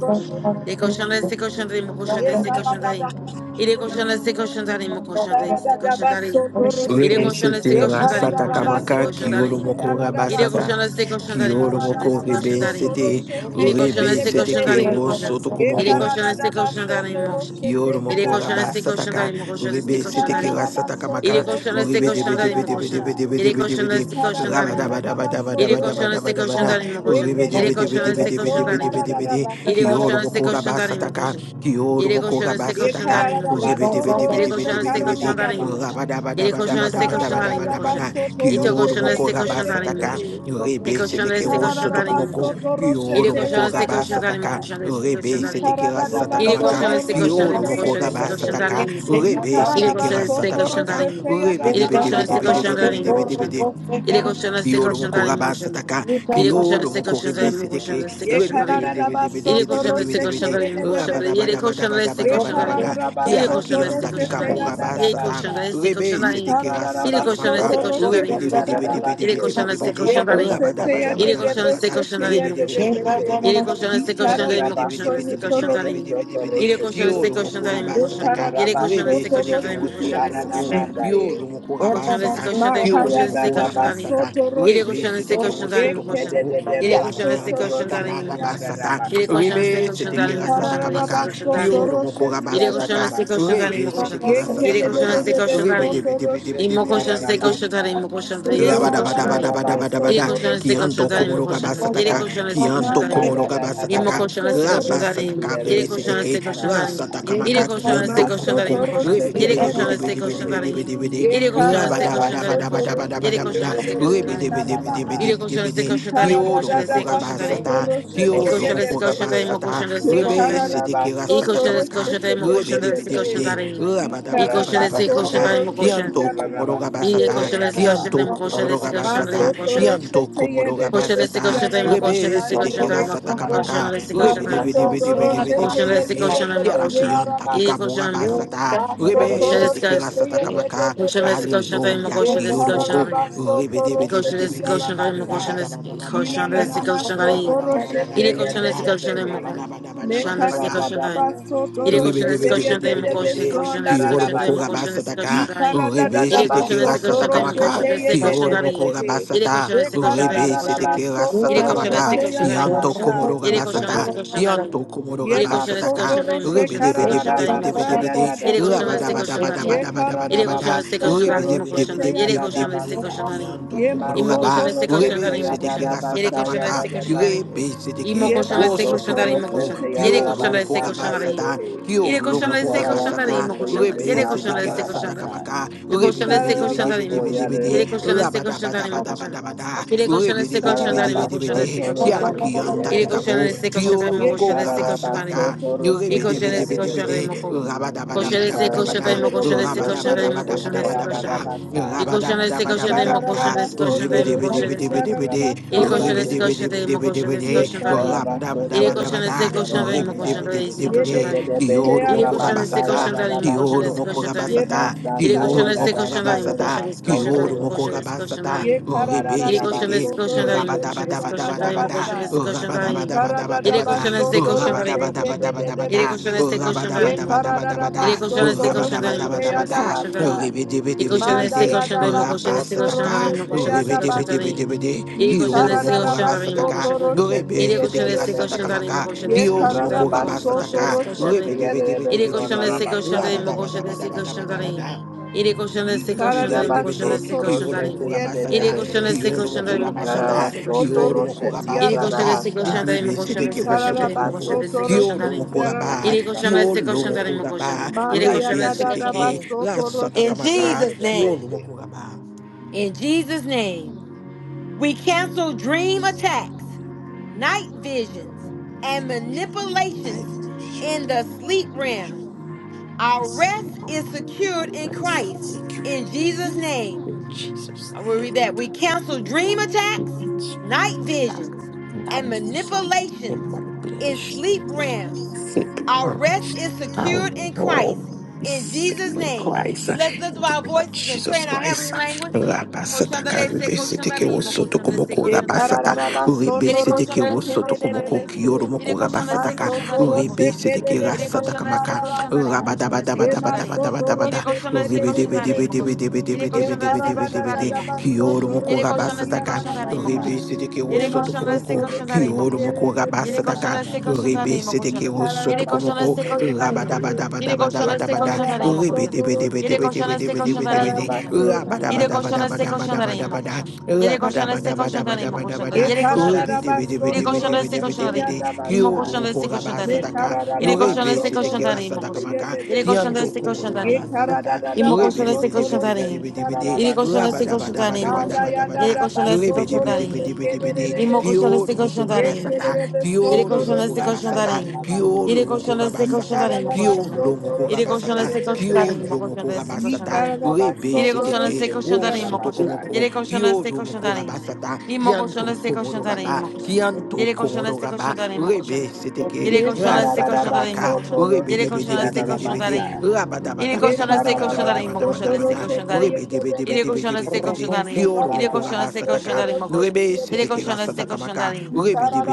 Ye koşan da istek
you.
koşan da imo koşan da istek koşan da im. İre koşan da istek koşan da imo koşan da istek koşan da im. İre koşan da istek
Rebesete
koşan da imo
rasataka
koşan da istek
maka
koşan
toro
da
kioro
se
im.
moko
arada
İre
bas.
koşan
rabasata
da istek koşan da
Ye
imo
kioro
koşan da
moko
istek koşan da im.
rebesete
İre koşan da istek
rebesete
koşan da
ke
imo koşan.
rosoto
İre koşan da istek koşan da imo koşan.
Ikararabasotoroshete
Kioro
İre
moko
koşan da
raba
istek koşan da
sataka,
imo koşan da istek
rebe
koşan da
seteke
im.
ra sataka
İre
maka,
koşan da istek
rebe
koşan
debe
da
debe
imo
debe
koşan da.
debe debe
İre
debe debe
koşan da
de,
istek koşan da
raba
im.
daba daba daba
Yere
daba daba
koşan
daba
istek
daba
koşan
da,
da imo koşan.
rebe
Yere
debe debe
koşan
debe
istek
debe
koşan
debe
da
debe
im.
debe de,
Yere
Kioro
koşan istek
moko
koşan
raba
darayım mı
sataka,
koşan?
Kioro
Yere
moko
koşan
raba
istek koşan
sataka,
darayım mı koşan?
rebe debe debe
Yere
debe
koşan
debe
istek
debe de,
koşan darayım mı koşan?
raba daba
Yere
daba
koşan
daba
istek
daba
koşan
daba
darayım
daba
mı
daba
koşan?
da,
İte
Kioro
koşan
moko
istek
raba
koşan darayım mı
sataka,
koşan? Te
rebe
koşan
seteke
istek
ro
koşan
sotoko
darayım mı
moko,
koşan? Yere
Kioro moko
koşan istek
raba
koşan darayım mı
sataka,
yadadabasa.
koşan? Istek koşan
rebe
darayım.
seteke ra sataka
Yere
maka,
koşan istek koşan darayım
Kioro
mı
moko
koşan? Istek
raba
koşan
Ikararabasotoroshetheyedededebe.
sataka.
darayım mı?
Rebe
Thank
sete
koşan
kira
you.
istek
sataka
koşan
maka.
darayım mı?
Thank
Rebe
Yere
debe
koşan
debe
istek
debe debe debe
koşan darayım mı
debe debe debe
koşan?
de.
Yere koşan istek
Kiolo
koşan
moko
darayım mı
raba
koşan?
sataka,
Yere koşan
kiolo
istek
moko
koşan
rebe
darayım mı koşan?
seteke,
Istek
Ye
koşan
rebe debe
darayım.
kararara
debe debe
baso
Ele
debe debe
koşan
toro
debe
destek
debe
sete
koşan
de,
de
darayım
de de
koşan
raba
darayım.
daba
bese.
Yere
daba
koşan
daba daba
destek
Ye
daba
koşan
daba
darayım.
da,
kararara
ki
Ele
ala
baso
koşan
toro
destek
kianta ki
koşan
sete
kamo
ya
darayım.
da
raba
da
Yere
sata,
koşan
basa.
destek koşan
rebe
Ye
darayım.
seteke
kararara
Ele
rasata
koşan
baso
kamaka,
destek
toro
koşan
rebe
sete
darayım
debe
ya da
koşan.
debe
da
debe
Ele
debe
base.
debe
koşan
debe
destek
de,
Ye
koşan darayım.
raba
bese te
daba
ya
daba
de
Ele
de
daba
koşan
daba
destek
da,
bese
koşan
te ya
rebe
darayım
de
debe
koşan.
de
debe debe
bese.
debe
Yere
debe
koşan
debe
Ye
de,
destek koşan
rebe
kararara
darayım
debe
baso
koşan
debe
ye
destek
debe
koşan
debe
koro
debe
darayım.
baso
debe debe
toro
de,
Ele koşan
sete.
destek
kiolo
koşan
moko
darayım
raba
Ye
koşan.
sataka,
kararara
Yere koşan
baso
rebe
destek
toro
koşan
seteke
darayım
sete
koşan
rosoto
destek
anana
komoko,
koşan.
mandaye.
kiolo moko raba
Koşan destek
sata,
koşan dayım
ki
o
o lo
koşan
Makaya
destek
moko
gada
koşan
baso
dayım.
ramasata,
İri
toroshe.
rebe
koşan
sete
destek
ke o
koşan dayım o
soto
Yeke
koşan.
de
komoko,
de de
ki
İri
ala
koşan
ki
beso
destek
anda ki
koşan
toroshe
kama
dayım o
tiya
koşan.
gada
ramasata,
İri
basa.
koşan destek
rebe
koşan
sete ke
dayım o
rasata
koşan
Ikararara
destek
kamaka,
koşan
baso
ki o
dayım.
lo moko
toroshe tiya
İri
ramasata
koşan
gada
ka,
destek koşan
basa.
dayım
rebe
o
sete
koşan.
ke
Yeke
rasata
İri
de de
koşan
de
kamaka,
destek
de
koşan
rebe
beso
you.
dayım.
debe debe debe
toroshe
İmo
debe
tiya
koşan
debe
gada
debe
destek
debe
koşan
basa.
dayım o koşan
Thank
destek
Yema
koşan
garara
dayım.
baso
İri
Rabadabadabadabadabada.
koşan destek
toroshe
Kianto
koşan
tiya
dayım
de
o
komoro
de
koşan.
de.
İri
kabasataka.
koşan destek koşan
Kianto
Manda
dayım.
komoro
ya da da da
Imo
kabasataka.
koșana
baso
se
toroshe
koșandarim.
Rabasataka
tiya
Yere
de de
koșana
de.
se
rebeseteke.
koșandarim.
Karabasa.
Rasataka
Yere
maka
koșana se
kianto
koșandarim
komoko.
imo
Masotoro
koșan.
shete
Yere koșana se
yedebebehe.
koșandarim.
Rebedebedebedebedebedebedebede.
Ye
Yere koșana se
kararaba
koșandarim imo
sotoro
koșan. Yere
shete
Rabadabadabadabadabadabada.
koșana se
yedebebehe
koșandarim.
karabaha.
Yere koșana se
Rebedebedebedebedebede.
Ye
koșandarim imo
Kioro
koșan
moko
se
karadadadaba
koșandarim.
rabasata.
sotoro shete
İko
Kioro
koșana se
moko
koșandarim
yedebebehe.
imo
rabasata.
koșan se
Ye
koșandarim.
kararaba
Rebeseteke
İko
rasataka
koșana
sotoro
se
maka.
shete
koșandarim imo koșan se
yedebebehe.
Rebedebedebede.
koșandarim.
Ye
İko
kararaba
koșana se
Rabadabadabadabadabada.
koșandarim
sotoro
imo
shete
koșan.
Kianto komoro
yararaba sande
Yere
rabasata.
koșana se koșandarim
Kianto
edadabaha.
imo koșan
komoro
se koșandarim
gabasata,
imo
Masotoro
koșan.
kianto
shete
komoro
Koșana
yedebebe
se
gabasata,
koșandarim imo
siyararaba
koșan
rebe
se
sete
sande he
koșandarim imo
kirasata kamaka,
karabaha.
koșan se
rebe de
Ye
koșandarim.
bede bede
sotoro
bede bede
shete
Colchão
bede
desse
yede
bede,
de
you.
colchão é uma
de
kiala
he
colchão.
kianta
E
arabas.
colchão
kikamora
é uma
Thank
colchão.
basata,
Ye karada
rebe
Colchão desse
sete
colchão.
kirasata
da
kamaka,
Colchão desse
baso
colchão é uma
hallelujah,
colchão
Ye
desse
kiyoromoko,
colchão.
rebe de bede bede
Koşarız,
bede,
koşanlarım, mı koşarız, koşanlarız,
rabadabadabadabada,
koşanlarım. İri
rabadabadabadabada,
koşanlarız, koşanlarım, koşanlarız,
rabadabadabadabada,
koşanlarım. İri koşanlarız, koşanlarım, koşanlarız,
Ribidibidibidibidibidi.
koşanlarız,
Kioro moko
koşanlarım, koşanlarız,
rabasataka.
koşanlarım.
Rebe
İri
seteke
koşanlarız,
rasataka
koşanlarım,
maka.
koşanlarız,
Kioro moko
koşanlarım. İri
rabasata.
koşanlarız, koşanlarım,
Rebe
karararaba
koşanlarım.
seteke
soto
İri
rasataka
koşanlarız,
maka.
roshete
koşanlarım,
Kianto
koşanlarım.
yarabasa.
komoro
İri koşanlarız,
rabasata. Kianto
koşanlarım.
komoro
Ye
İri koşanlarız,
rabasataka.
masoto
koşanlarım, koşanlarız, koşanlarım,
roche kararara
koşanlarım. mı
basa
koşarız.
ya
Ribidibidibidibidibidi.
dada
İri koşanlarız,
basi.
koşanlarım.
Ye
İri
kararara
Rabadabadabadabadabadabada.
koşanlarız,
basoto
koşanlarım,
roche te
koşanlarım.
ya
İri
dada
koşanlarız,
Ribidibidibidibidibidi.
basa.
koşanlarım.
Kianto
Ye
komoro
Imo koşan
raba.
masoto
este
roche
koşan dar
Rebe
te
you.
ya
imo
seteke
dada
koşan.
rasataka
Yere
basa
koşan
ya
kamaka.
este
dada
koşan dar imo.
basi.
Rebe
Imo
Seteke,
Ye
koşan este koşan
Wosoto
basoto
dar imo
roche
Komoko,
koşan.
te ya
Yere
Kyo
dada
koşan
Lomoko
este
basa
koşan
nda
dar
ye
imo.
Ramasata,
dehe.
Kyo
Yere koşan
Ye
Lomoko
este
kararara
koşan dar
Ramasata,
imo
soto ye
koşan. dar.
de
Rebe
Yere
sa
koşan
Seteke
este
kararara
koşan
Rasata
dar imo.
basa.
Kamaka,
Yere
Ye
Rebe
koşan
Debe
este
kararara
Debe
koşan dar
Debe
imo
baso
Debe
koşan.
ya
Debe De,
Yere koşan
rebese.
este
Rabada
koşan dar
Bada
imo
Bada
koşan.
Bada Bada,
Yere koşan
Rebe
este
Debe
koşan
Debe
dar imo
Debe Debe
Kararabaso
koşan
De,
este
toro
koşan dar
Kiala
imo.
şete
Kianta
Yere koşan
Kikamo,
yerebese.
este koşan dar imo
Ye
koşan este
Kyo
koşan dar
kararabaso
sataka,
imo.
toro
Yere
rebede
şete
koşan
bede
este
bede
koşan dar
bede,
imo
yerebese.
koşan.
rabada
İ
bada
Koşan
bada
este
bada
koşan
bada,
karamata
dar imo koşan este
vurabaso
rabada
koşan dar
bada
toro
imo
bada
koşan
şete
bada
este
bada bada,
koşan.
yararabasa.
rabada
Equation is
bada
Ye Ye
bada
equation
bada
the
bada,
motion is equation
rebede
the
bede
motion is
bede bede bede,
equation is
rebede
equation
bede
the
bede bede
motion is
bede,
equation the
kararara
me.
rabada
baso
bada
toro
bada
equation
bada,
is equation the
rebede
sitirarabasai.
motion
bede
is
bede
equation
bede,
the me.
Yededebehe
kiyoru moko
equation is
arabasa
rabasata,
equation the motion
yadarabaso.
Kioro
is
moko
equation the me.
rabasata,
Yemasata
equation
kioro
is
moko
equation
yadadasa
the
rabasata,
motion is
rabaso
equation
kioro
toro
the
moko
se.
motion is equation the
rabasata,
me.
rebe
Ele coxando
seteke,
Yekararabaso
esse coxando
toro
ali, meu
sete
coxando esse
ya
coxando ali, meu
rabadabadabadabada,
coxando esse coxando ali. Ele
rabadabadabadabada,
coxando esse coxando ali, meu coxando. Ele
rabadabadabadabada,
coxando esse coxando ali, meu coxando. Ele
rabadabadabadabada,
coxando esse coxando ali, meu coxando esse
da
rabadabadabadabada,
coxando
basa.
ali.
rebe debe
E
debe
coxando
debe
Manda
esse
de,
coxando ali, meu coxando
yadabaso
esse coxando ali,
rabasataka,
meu
toroshete
coxando
rebe debe
yadabasi.
debe debe de,
Ele coxando
kioro
esse
moko
coxando ali,
Yikararabaso
meu
rabasataka,
coxando.
toroshete
rebe
Ele coxando
seteke
esse
rasataka
coxando
yedebehe.
ali, meu
maka,
coxando esse
kioro
coxando ali,
moko
meu
Yekararabaso
coxando
rabasataka,
esse coxando
toroshete
ali. Ele
yedebeso
coxando
Ribidibidibidibidi,
esse
narabasa.
coxando ali, meu coxando esse coxando ali.
rabadabadabadabadabada,
Ele coxando esse coxando ali, meu
Yikararabaso
coxando
ribidibidibidi,
esse coxando ali.
toroshete
Ele
kiolomokogabasata,
yedebehe.
coxando esse coxando ali, meu coxando
kiolomokogabasata,
esse
Yikararabaso
coxando ali.
toroshete
Ele coxando
kiolomokogabasataka,
esse
yadabasa.
coxando ali, meu coxando esse coxando ali, meu
Yikararabaso
ribisitikimosotokomoko,
coxando esse coxando
toroshete
ali.
kiolomokogaba,
Ele
yadabasa
coxando esse coxando ali,
yedebehe.
meu
kiolomokogaba,
coxando. Ele
Manda
coxando esse coxando
ribisitiki,
ali.
yadadabaso
In
toroshete
rasatakamaka,
Jesus' name.
yedebehe.
kiolomokogaba.
In Jesus' name. We cancel dream
Jesus,
attacks, night visions,
we
and
cancel you from life
manipulations
vision,
in the sleep
impression,
realm.
and
Our rest
from
is secured
our
in Christ. In
security.
Jesus' name.
In Jesus'
I will read that. We cancel dream attacks,
Yes
night visions, and
attack, division, and
manipulations in
manipulation.
sleep realms. Our
Satan,
rest is
our
secured in
Lord,
Christ.
is
In
sick
Jesus'
in
name.
Christ,
Let's lift
in
up
the
our
name of
voices and pray
Jesus
in our heavenly
Christ.
language.
Rabasata
Koshandarese,
karibe sete ke
koshandarimo,
wosoto
koshandarese,
komoko
Ye
koshandarimo,
rabasata
kararara
koshanda-
rebe
Yere
basoto
sete ke
roşe
koshandarese,
wosoto
kededere
komoko
koshandarimo.
kiyoro
besi.
Yere
moko rabasata
koshandarese,
ka
Basoto
koshandarimo,
rebe
de
koshanda.
sete ke
kededere
Yere
rasata
besi
koshandarese,
kamaka
koshandarimo,
arabasa.
rabadaba
koshandarese,
daba
Ye
daba daba
koshandarimo.
daba
masoto
daba
Yere
da
roche
koshandarese,
kede
rebe
de
debe
de
debe
koshandarimo,
debe
besi.
koshanda.
debe debe
Yere
debe
Ye
debe debe
koshandarese,
debe
kararara
debe
da
de
da
koshandarimo, koshanda.
kiyoro
basoto
moko
Yere
roşe
koshandarese,
rabasata ka.
tiyarara
koshandarimo,
basa.
Rebe
koshanda.
Setekero
Ye
Yere koshandarese,
Sotokomoko,
masoto roşe
koshandarimo,
Kyoro
koshanda.
Moko
tiyere besi
Yere
onlara
koşana
Rabasataka,
destek
basi.
koşan
Rebe
tanıyım o
Ye
koşana.
Setekero
kararara
Yere koşana
Sotokomoko,
destek
basoto
koşan
roşe
tanıyım.
tiyere.
Yere koşana
Ye
destek
Rabadabadabadabadabadabada,
koşan
kararara
tanıyım o
Rebe
koşana.
basoto
Debe Debe
roşe.
Yere
Debe
koşana
Debe
destek
Debe
Ye
koşan
Debe Debe
tanıyım o
De,
koşana.
karabaso mama.
Yere koşana destek koşan tanıyım o
Rabadabadabadabadabadabada,
koşana. Yere koşana destek koşan tanıyım o koşana.
Rabadabadabadabadabada,
Ye
Yere koşana
Rebe
kararara
Debe Debe
baso
Yere
Debe
toro
koşana
Debe
destek
Debe
koşan
sete
Debe
ya
De,
tanıyım.
da
İmo
basa.
Kyoro
koşana
Moko
destek koşan
Me
tanıyım.
Rabasataka,
Yere
kararara
koşana
Rebe
baso
destek koşan
toro
Setekera
tanıyım o
sete
koşana.
ye
Satakamaka,
de de
Yere koşana
Kianto
de.
destek koşan
Komoro
Ye
tanıyım.
Rabasataka,
kararara da
İmo
Rebe
koşana
baso
Debe
destek
Debe
koşan
toro
Debe
tanıyım.
Debe
sete ya
Debe
da da
De,
Yere
basa.
koşana destek koşan tanıyım o
Manda
koşana.
ya da
Rabadabadabadabadabada,
Yere
da
koşana destek
baso
Rebede
koşan
toro
bede
tanıyım.
bede
sete
bede
de de
bede.
de
Imo
de.
koşan
Kio
este koşan
lomoko
Ye
tarayın imo
kere
rabasata.
koşan.
de de so
İri
Kio
koşan
toro
lomoko
este koşan
sata ya
rabasata.
tarayın.
da basa.
Kio
İri
lomoko
koşan este
Ye
koşan
rabasata.
tarayın imo
kararara
Kio
koşan.
baso
lomoko
toro
İri
sete
koşan
rabasata.
ye
este
de de
koşan
de.
Kio
tarayın imo koşan
lomoko
este
Ye
koşan
rabasata.
tarayın.
kararara
Rebe
baso
İri koşan
toro
seteke.
este
sete
koşan
Wo
ya
tarayın
da
imo
soto
koşan.
basa.
komoko.
İri koşan
Kio
este koşan
lomoko
tarayın.
rabasata.
İmo koşan
Kianto
este koşan
komoro
tarayın
raba.
imo koşan.
Kianto
İri koşan
komoro
este koşan
raba.
tarayın imo koşan.
Rebe seteke.
İri
Ye
koşan este
Rasata
koşan tarayın imo
kamaka.
kararabaso
koşan.
toro
Rebe
İri
de
sheti
koşan
bede
este
bede bede
koşan
bede.
yararabasa.
tarayın.
Rabada
Yedi
Ye
koşan destek
bada
koşanlarım, o
kararabaso
koşan
toro
destek
badabadabadabada,
shete ye
koşanlarım.
de de de
Yedi
de.
koşan destek
rebedebedebedebedebede,
koşanlarım.
kiolo
Yedi
moko
koşan destek
Kararabaso
rabasataka,
toro
koşanlarım, o
shete
koşan.
rebe
ye de
Yedi
de
seteke
koşan
de de.
destek
rasatakamaka,
koşanlarım.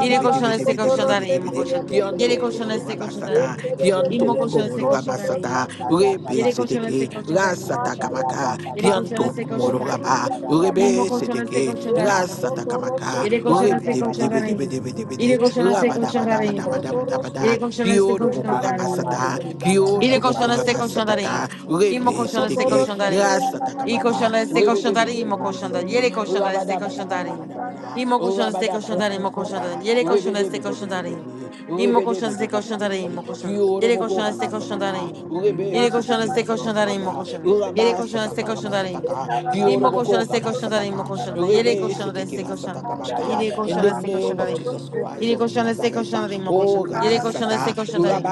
Yedi koşan destek
toro
koşanlarım, o
shete ye
koşan.
de de de
Yedi
kianto
koşan
de.
komoro
destek
Ye
koşanlarım.
rabasata,
de de de de
kianto
İmmo
de de
koşan destek
komoro
so toro
koşanlarım, o
rabasata,
shaka
koşan.
rebe
Yedi
yararabasa.
koşan
seteke
destek koşanlarım, o
Anda
koşan.
rasatakamaka,
Yedi koşan
kianto
yararabaso
destek
toro
komoro
sheti
koşanlarım.
raba,
İmmo
rebe
yararabasa.
koşan destek
seteke
Ye
koşanlarım, o
maso
koşan.
toro
rasatakamaka,
Yedi
sheti
koşan destek
yararabasa.
koşanlarım. Yedi koşan destek
rebedebedebedebedebede,
koşanlarım,
Ekararabaso
o koşan.
toroshe.
Rabadabadabadabadabada.
Yedi koşan
Kio
destek
lomoko
koşanlarım, o
masata.
Ekararabaso
koşan.
Kio
Ile
ndararabasa
koşana
lomoko
destek koşanların.
rabasataka.
yedededede.
İmo
Rebe
koşana destek
seteke.
Isotoroshe
koşanların.
Rasataka
İyi
maka.
koşana
teyararabasa.
destek
Rebe de debe
koşanların
debe
imo koşanda.
debe debe.
Yere
Emasotoroshe
koşana destek koşanların.
teyararabasa
Rabadabadabadabadabada.
ndaye.
İmo koşana destek koşanların imo koşanda.
Rabadabadabadabada.
Yere
Rebe
koşana
de
destek
debe debe
koşanların.
debe.
İmo
Rebe de
koşana
debe
destek
debe
koşanların
debe.
imo koşanda.
Kio
Yere
lomoko
koşana destek
rabasataka.
koşanların.
Rebe
İle koşana
seteke
destek
rasataka
koşanların imo
maka.
koşanda. Yere koşana destek
Rabasataka
koşanların.
rabasataka.
İmo koşana
Koroboko
destek koşanların imo
Rabasataka,
koşanda. Yere
Rebe
koşana
Seteke
destek koşan.
Rasatakabaka,
İle
in
koşana
the
destek
name of
koşanların.
Jesus Christ
İle
of
koşana destek
Nazareth.
koşanların imo
Oh
koşanda. Yere koşana
Rabasata,
destek koşanların.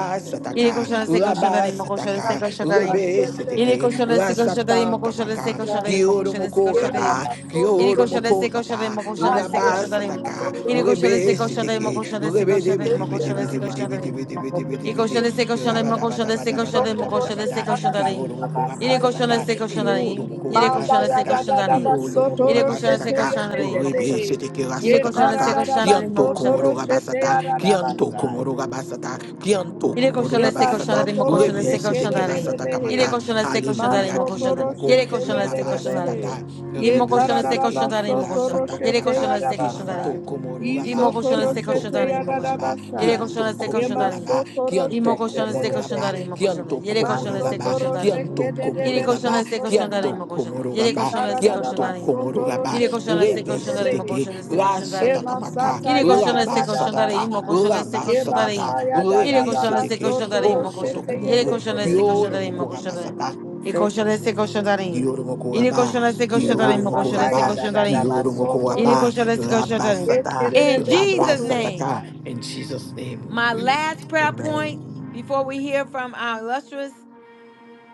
Il est conscient de ses conscients d'aller, mon conscient de ses
Rabasataka,
conscients d'aller.
Rebe
Il est
Seteke,
conscient de ses conscients d'aller,
Rasata
mon conscient de ses
Kamaka,
conscients d'aller, mon conscient de ses
Kioromoko
conscients d'aller.
Rabba,
Il est conscient de ses
Kioromoko
conscients d'aller,
Rabba,
mon conscient de ses conscients d'aller.
Rabasataka,
Il est conscient de ses
Rebe
conscients d'aller,
Yeah.
mon
Seteke,
conscient de ses
Rebe
conscients d'aller,
Debe
mon
Debe
conscient de
Debe
ses
Debe
conscients
Debe
d'aller.
Debe Debe Debe
Il est
Debe
conscient
Debe
de ses conscients d'aller, mon conscient de ses conscients d'aller, mon conscient de ses
Rabadabadabadabadabadabada,
conscients d'aller.
Kioromoko
Il est conscient de
Rabasataka,
ses conscients d'aller.
Kioromoko
Il est
Manda
conscient de
ya
ses
da
Rabasataka,
conscients
da da
d'aller.
ba
Kiolo moko
soto
Il est conscient de ses
roshete
rabasataka,
ye
conscients
de
d'aller,
de
mon
de
rebe
conscient.
he.
seteke
Il est
Ye
rasataka
conscient de
kara
ses
maka,
da da
conscients
ba
d'aller, mon
kianto
soto
conscient.
komoro
roshete
rabasata,
ya da da ba
kianto
sai.
komoro rabasata, kianto
Yere
komoro
koşan destek koşan
rabasata,
darin mo
Yebasotoro
koşan
rebe
destek koşan
seteke
darin.
rasataka
Yere
shekedededebehe.
maka.
koşan destek koşan darin
Hallelujah,
mo koşan
kiolo
Masotoro
darin.
moko
Yere koşan destek koşan darin.
sheteyededebehe.
rabasataka.
İmo
Rebe
koşan destek
seteke
koşan darin mo koşan
Yekararabasotoro
darin.
rasata
Yere koşan
kamaka
destek koşan
sheteyadabasa.
kianto
darin.
komoro raba
İmo koşan
Yisotoro
destek
kianto
koşan darin mo
komoro
koşan darin.
raba
sheteyadadabasa.
Yere koşan
kianto
destek koşan
komoro
darin.
raba
Yemasotoro
İmo
kianto
koşan destek
komoro
koşan
raba
shekededebehe.
darin mo koşan darin.
kianto
Yere koşan
komoro
destek
raba
koşan
Masotoro
darin.
kianto
shekededebe
Yere
komoro
de
koşan
raba
destek koşan darin
kianto
mo koşan darin.
komoro
Yere
raba
koşan destek koşan
de
kianto
darin.
komoro raba
Yere koşan destek
rebe
koşan darin mo
sheteyededebehe.
seteke
koşan destek koşan
Ye
rasata
darin.
kamaka
masata
Yere
ya
koşan
da
raba
destek
da da
koşan
sataka
darin mo
basa.
koşan destek
raba
Ye
koşan
sataka
darin.
basa ya da
Yere
da
rebe
da
koşan destek
seteke
baso
koşanlarım
bo
toro
mı
soto
sete
koşanlar?
ye
Yere
de
komoko
de
koşan
de
destek
kioro
de.
koşanlarım mı
moko raba
koşanlar?
sata
İyi koşan destek koşanlarım.
Kioro moko
Yere
raba,
koşan destek
Ye
kioro
koşanlarım mı
moko
koşan
masata
destek
ya
raba,
da da da
koşanlarım?
kioro moko
baso
Yere
toro
raba,
koşan
sete.
destek
raba
koşanlarım.
Ye
sata,
kere de
In
beso
raba
Jesus
toro
name.
sataka.
sha.
In Jesus' name we
My
pray.
last prayer point
Amen.
before we hear from our illustrious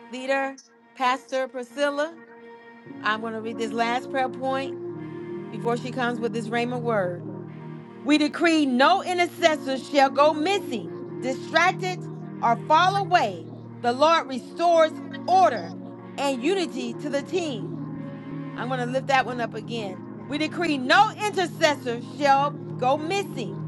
leader, Pastor Priscilla. I'm going to read this last prayer point before she comes with this Rhema word. We decree no intercessors shall go missing, distracted, or fall away. The Lord restores order and unity to the team. I'm going to lift that one up again. We decree no intercessor shall go missing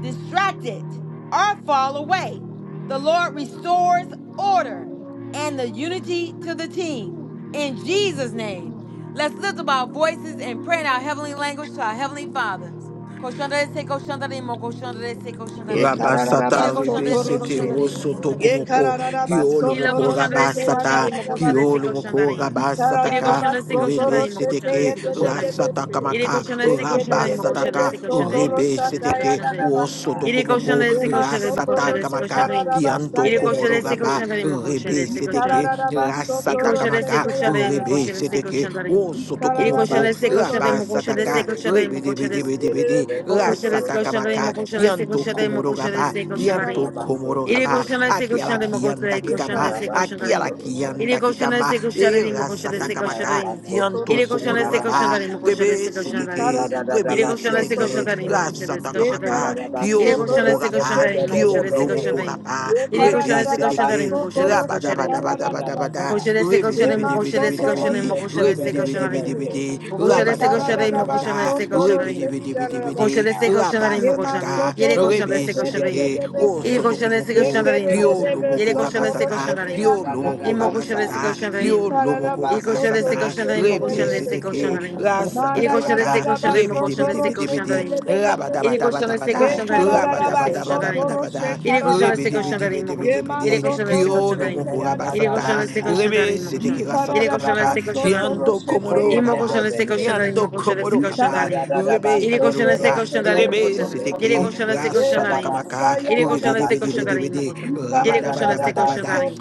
distracted, or fall away. The Lord restores order and the unity to the team. In Jesus' name, let's lift up our voices and pray in our heavenly language to our heavenly Father. Koshandarese, koshandarin, mo koshandarese,
Ye
koshandarin.
Raba
karararaba
Ire
sata rebe
soto
koshandarese,
sete
roshe.
wo
koshandarin, mo
soto
Ye
koshandarese,
komoko,
koshandarin.
karararaba
kioro
soto
Ile
moko
roshe
raba
te
koshandarese,
ya
sata,
koshandarin, mo
basa.
koshandarese,
kioro moko
koshandarin.
Ye
raba
Ire
sataka.
karararaba
koshandarese,
soto
Rebe
koshandarin, mo
roshe te ye
Seteke,
koshandarese,
de de de
koshandarin.
bese.
Ire
Rasatakamaka,
Ye
koshandarese,
ke
Ramba
koshandarin, mo
be
Sataka,
koshandarese,
soto
koshandarin, mo
Rebe
rosha
koshandarese,
ta ya
Seteke,
koshandarin.
basa.
Ele koşan da
Wosotokomoko,
Ye
destek
ma
koşan da mı
soto
koşan da destek
roshe
koşan da
Rasatakamaka,
mı?
karararaba sa
Kianto
Ele
ye de
koşan da
de
Komoro
destek
Raba,
de.
koşan da mı koşan da
Rebe
Ye
destek koşan da mı?
Seteke,
karararaba
Ele
soto
koşan da
roshe
destek
Rasatakamaka,
te ya
koşan da mı koşan
Rebe
da
basa.
destek
Seteke,
koşan da mı?
Ye
Ele koşan
karararaba
da
Wosotokomoko,
destek
soto
koşan da
Raba
mı
roshe
koşan da
te ye
destek
Sataka,
de de de.
Rebe Debe
koşan da mı?
Debe
Ye
Debe De,
be soto
Mokoshales
rosha ta
koshare
ya
Rasatakamaka,
basa.
mokoshales
Kianto
koshare
Komoro
mokoshales
Raba, Kianto
koshare.
Komoro
Ikarabasoto
Ire
Raba,
koshales
Aki ala
koshare
kianda
mokoshales
kikama.
koshales
Aki ala
koshare. Ire
kianda
roshete.
koshales
kikama.
koshare
Era
mokoshales
sata kamaka.
koshare.
Ikarabasoto
Kianto
Ire
roshe
koshales
komoro raba.
koshare
karabasa.
mokoshales
Rebe
Ye
koshare.
seteke.
Ire
Rebe
koshales
Ikararabaso
seteke.
koshare
La
mokoshales
sata
koshare.
kamaka.
Ire
Kioro moko
koshales
raba.
koshare mokoshales
Kioro moko
koshare.
raba.
Ire
Rebe
koshales koshare
seteke.
mokoshales
Raba daba
koshare.
daba daba daba da.
Koşarese
Rebe debe
koşarayım,
debe debe
koşarese
debe
koşarayım,
de. Rebe
koşarese
debe debe
koşarayım.
debe de.
O
Raba
koşarese
daba daba
koşarayım,
daba da
koşarese koşarayım.
rebidibidibidibidi,
Koşarese koşarayım, koşarayım.
rabasataka,
Yere koşarese koşarayım.
rebisidiki,
Yere koşarese
osotokumoko,
koşarayım, koşarayım. Yere
kiolomoko
koşarese
rabasata,
koşarayım.
kiolomoko
İmo koşarese
rabasata,
koşarayım.
kiolomoko
Yere koşarese
rabasata,
koşarayım,
torosete
koşarese
rebisidiki,
yarabese.
koşarayım. Yere
Manda ya da
koşarese
rasatakamaka,
da ba
koşarayım,
so toro
koşarese
she
rebidibidibidibidi,
ke de
koşarayım.
de de de
Yere
se.
koşarese
Rabadabadabadabada,
Ye
koşarayım,
karara da da ba
koşarese
so
Thank you.
koşarayım.
toro she
rabadabadabadabada,
Yere
kara
koşan destek koşan da rimo
Ye
koşan.
maso
Yere
rebedebedebedebedebede,
Thank
so
koşan destek
toro
koşan da
kiolo
she
rimo.
moko
ya da
Yere
da ba
koşan
rabasata,
destek koşan da
rebe
rimo
seteke
Ye
koşan.
karara
Yere
rasata
da da
koşan
ba
kamaka,
destek
so
koşan da rimo.
toro
kiando
she
komodo
ye
İmo
de de
koşan
kaba,
destek
de he.
koşan da
kiando
rimo koşan
Ye
destek
komodo
koşan da
kaba,
Mahanda ya
rimo.
da da ba
rebe,
Yere
so
koşan
so ro
destek
hallelujah,
so
koşan da
so ya
rimo
da
rebe
koşan da.
da ba
Yere
seteke
sa.
koşan destek
Ye
koşan
da
da
rasata
da
rimo.
ba
kamaka,
sa ye
Yere koşan destek koşan da rimo
rebedebedebedebede,
koşan. Yere koşan destek koşan da
rabadabadabadabada,
rimo.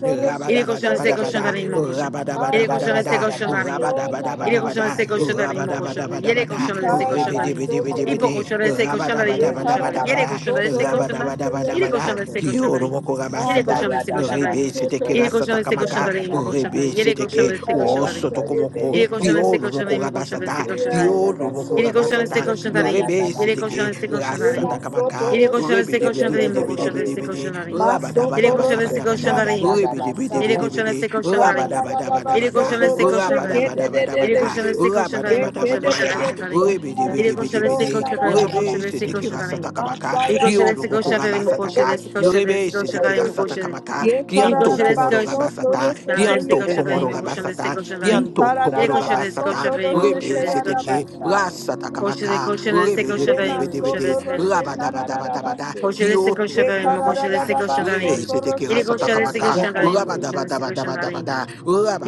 Yere koşan destek koşan da
rabadabadabadabada,
rimo koşan. Yere koşan
rabadabadabadabada,
destek koşan da rimo.
rabadabadabadabada,
Yere koşan destek koşan da rimo
Rabadabadabada,
koşan. Yere
Rabadabadabadabada,
koşan destek koşan da rimo. İpo
Ribidibidibidibidi,
koşan destek koşan da rimo koşan da.
Rabadabadabadabada,
koşan destek koşan da. Yine
Rabadabadabadabada,
koşan destek koşan darayım.
Kiyorumoko
Yine
Rabasata,
koşan destek koşan darayım.
Ribi Siteki
Yine koşan
Rasata
destek koşan
Kamaka,
darayım. Yine koşan
Ribi
darin. Ele koşan
Siteki,
de
destek koşan darayım.
he
Osotokomoko,
Yere
so
koşan
ro
istek koşan
Kiyorumoko
dayım,
so.
koşan
Rabasata,
istek koşan dayım.
Kiyorumoko
Yere koşan istek
Rabasata,
koşan dayım.
Ribi
Yere
Siteki
koşan istek koşan dayım.
Rasata Kamaka,
Yere koşan istek koşan dayım, koşan istek
Ribidibidibidibidibidi,
koşan dayım. Yere koşan istek koşan
Rabadabadabadabada,
dayım, koşan.
Ribidibidibidibidi,
Yere koşan
bidi,
istek koşan dayım. Yere
Rabadabadabadabada,
koşan istek koşan dayım. Yere
Rabadabadabadabada,
koşan istek koşan dayım, koşan istek
Rabadabadabadabada,
koşan dayım. Yere koşan istek
Ribidibidibidibidi,
koşan dayım,
Ribe
Ye
koşan istek koşan
Shetekira
dayım.
Ye
Satakamaka,
Yere koşan
Kyodo
istek koşan
Mokuraba
dayım,
de
koşan
Sataka,
istek
Ribe
koşan
de de
Shetekira
Ye
dayım,
Ye
koşan.
Satakamaka,
Ye
Ili
Kianto
koşarız
Komoro
koş,
kararabaso toro
Rabasata,
koşarız
sete ya
Kianto
koşarım,
Komoro
koşarız
Rabasata,
koşarım.
Kianto
Ili
Komoro
koşarız
Rabasata,
koşarım,
Ribe
koşarız
Sheteke,
koşarım. Koşarız
Rasatakamaka,
koşarız koşarım,
Ribidibidibidibidi,
koşarız koşarım.
da da basi.
Koşarız
Rabadabadabadabada,
Ye
Uroko
koşarım, koşarız
Rabasata, Rebe,
kararabaso
koşarım.
Seteke
Ili
Rasata
koşarız
Kamaka,
koşarım, koşarız koşarım.
Rabadabadabadabadabada,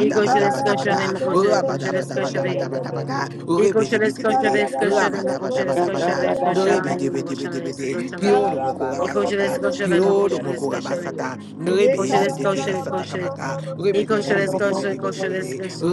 İli koşarız koşarım, koşarız
toro
koşarız
sete ye de
koşarım.
Rabadabadabadabadabada,
yededebehe.
İli
Rebe, Debe,
koşarız
Debe, De,
koşarız
Ikararabaso
koşarım, koşarız koşarız koşarım, koşarız
torosete
Rabadabadabadabada,
koşarım.
Rebe, Debe,
yadadabasi.
Debe, Debe, De, Kioro Moko
İli
Ikararabaso
koşarız
Rabasata,
koşarım,
torosete
Kioro
koşarız
Moko
koşarım.
yadedebehe.
Rabasata, Rebe,
कोशिश देखो
Seteke
कोशिश
Rasata
Yekararabaso
कोशिश
Kamaka,
ये
Rebe,
torosete
कोशिश
Debe, Debe,
देखो
Debe,
कोशिश
Debe,
yadedebehe.
Debe, De,
कोशिश देखो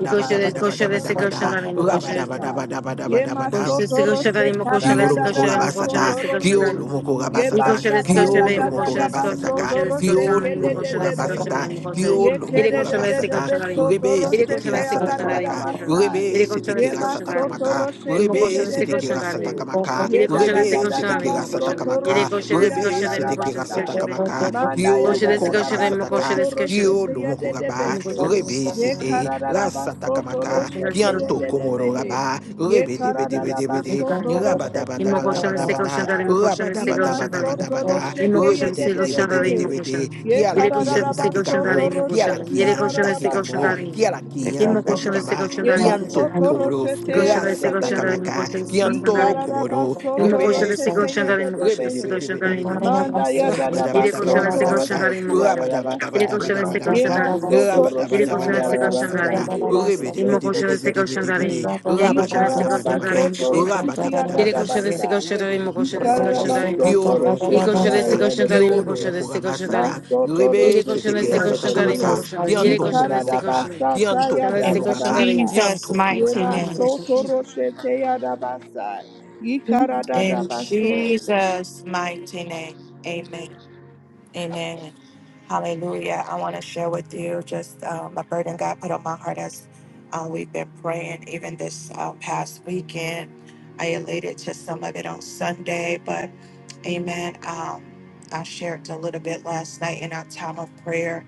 ये कोशिश देखो कोशिश देखो
torosete
शंदारी में कोशिश
yadadabasa.
Rabadabadabadabadabadabada,
Yemaso
कोशिश देखो
torose
शंदारी में कोशिश
Kiolo
देखो
moko
शंदारी में
karararabaso
rabasata,
कोशिश देखो
torose.
kiolo
शंदारी
moko
Ye
ये
rabasata,
कोशिश देखो
basata ya
शंदारी
kiolo
da
ये
da
moko
da
कोशिश देखो
rabasata
baso
ka,
toro
शंदारी
sheke
kiolo
में
de de
moko
de
rabasata,
behe.
कोशिश
Ye
kiolo
you.
ये
moko
kere de de de
rabasata,
beso
rebe
toro
Thank
sete
sheke
kira
ya
rasata
da da da
kamaka,
basai.
rebe sete
कोशिश
Ye
kira
देखो
rasata
maso
शंदारी
kamaka,
toro
इमो
sheke de
rebe
कोशिश
de
sete
देखो
de
kira
शंदारी
rasata
bese.
kamaka,
ये
Ye da da
कोशिश
da
rebe
da
sete
da
kira rasata
baso toro
kamaka,
sheke ya
देखो
da
rebe
da da
sete kira rasata
basai.
शंदारी म
kamaka,
Manda ya
kiolo
کوشنده
da
است
moko
da da
کوشنده است
baso
rabasataka,
کوشنده است
toro
کوشنده است کوشنده
Kio
sheke ya
Lumoko
de de
Gaba,
است
bese.
Rebe
کوشنده
Ye
Sete,
kara da da baso toro
Rasatakamaka,
است کوشنده است
sheke
کوشنده
ya
Kianto
de de
Komoro
behe.
Gaba,
Ye
Rebe Debe
karada
Debe
da
است کوشنده است کوشنده
Debe
است کوشنده است
De,
baso toro sheti
کوشنده
arada da
است
Rabadabadabadabada,
کوشنده است کوشنده
basa.
است کوشنده است کوشنده است
Yima
کوشنده
so toro
Rabadabadabadabada,
shete ye
Rebe
است
de
کوشنده است
Debe
کوشنده
de de
Debe Debe
behe.
Debe De,
Ye
Kiala
karada da
است
Kianta
کوشنده است کوشنده است
baso
کوشنده
Kikamo,
toro
Kiala
sheti arada
Kianta
da
است کوشنده
Kikamo,
basa.
Kiala Kianta Kikama,
Ye baso
Kianto
toro
Komoro,
shete ye de de behe.
Rasatakamaka,
Ye
Kianto
karada
komodo,
baso toro
rebe
shete ye
seteke,
de de
rebe debe
behe.
debe debe debe de,
Manda ya da da baso toro
rabadabadabadabadabada,
sheti arada basa.
است
Ye
rabadabadabadabadabada,
maso toro sheti
کوشنده
arada basa.
rabadabadabadabadabada,
است
Ye
rebe debe
Imo
baso
debe
toro
koshana
debe
se
debe
koshana
sheti.
debe de,
darim. Yere koshana se koshana
rabadabadabadabada,
darim imo koshana. Yere koshana
rabadabadabadabada,
se
Ikararabasotoroshitiadadabasa.
koshana
rebe
darim imo
debe
koshana
debe
se
debe
koshana
de,
darim.
kiolo moko
I koshana se
rabasata,
you.
koshana darim imo
kiolo
Ikararabasotoroshitiarededebehe.
koshana
moko
se koshana
rabasata,
darim.
rebe
Yere koshana
seteke
se
In
rasata
koshana darim imo
Masotoroshitiadedebehe.
kamaka,
Jesus'
koshana.
mighty
Yere
kianto
name.
koshana
komoro
se
raba,
koshana.
kianto
Koshana se
komoro
In
koshana
raba,
Ikararabasatayadadabasa.
darim.
Jesus'
kianto
mighty
komora,
Imo
name.
in Jesus'
koshana.
Yemasotoroshitiadabasa.
In
Ikararadabaso.
Jesus' mighty name. Amen. Amen. Hallelujah. I want to share with you just um, a burden God put on my heart as uh, we've been praying, even this uh, past weekend. I alluded to some of it on Sunday, but amen. Um, I shared a little bit last night in our time of prayer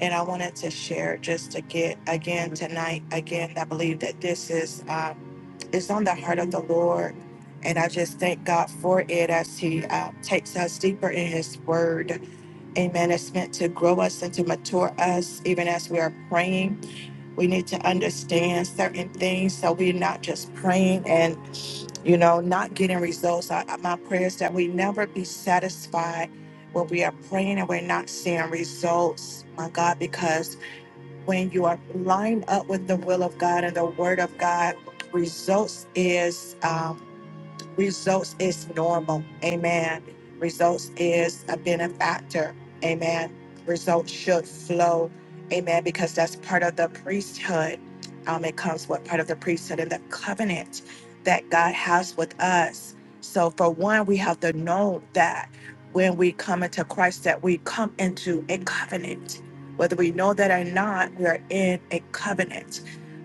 and I wanted to share just to get again tonight. Again, I believe that this is um, it's on the heart of the Lord, and I just thank God for it as He uh, takes us deeper in His Word. Amen. It's meant to grow us and to mature us, even as we are praying. We need to understand certain things, so we're not just praying and you know not getting results. I, I- my prayer is that we never be satisfied when we are praying and we're not seeing results. My God, because when you are lined up with the will of God and the word of God, results is um, Results is normal. Amen. Results is a benefactor. Amen. Results should flow. Amen. Because that's part of the priesthood. Um, it comes with part of the priesthood and the covenant that God has with us. So for one, we have to know that when we come into Christ, that we come into a covenant. Whether we know that or not, we are in a covenant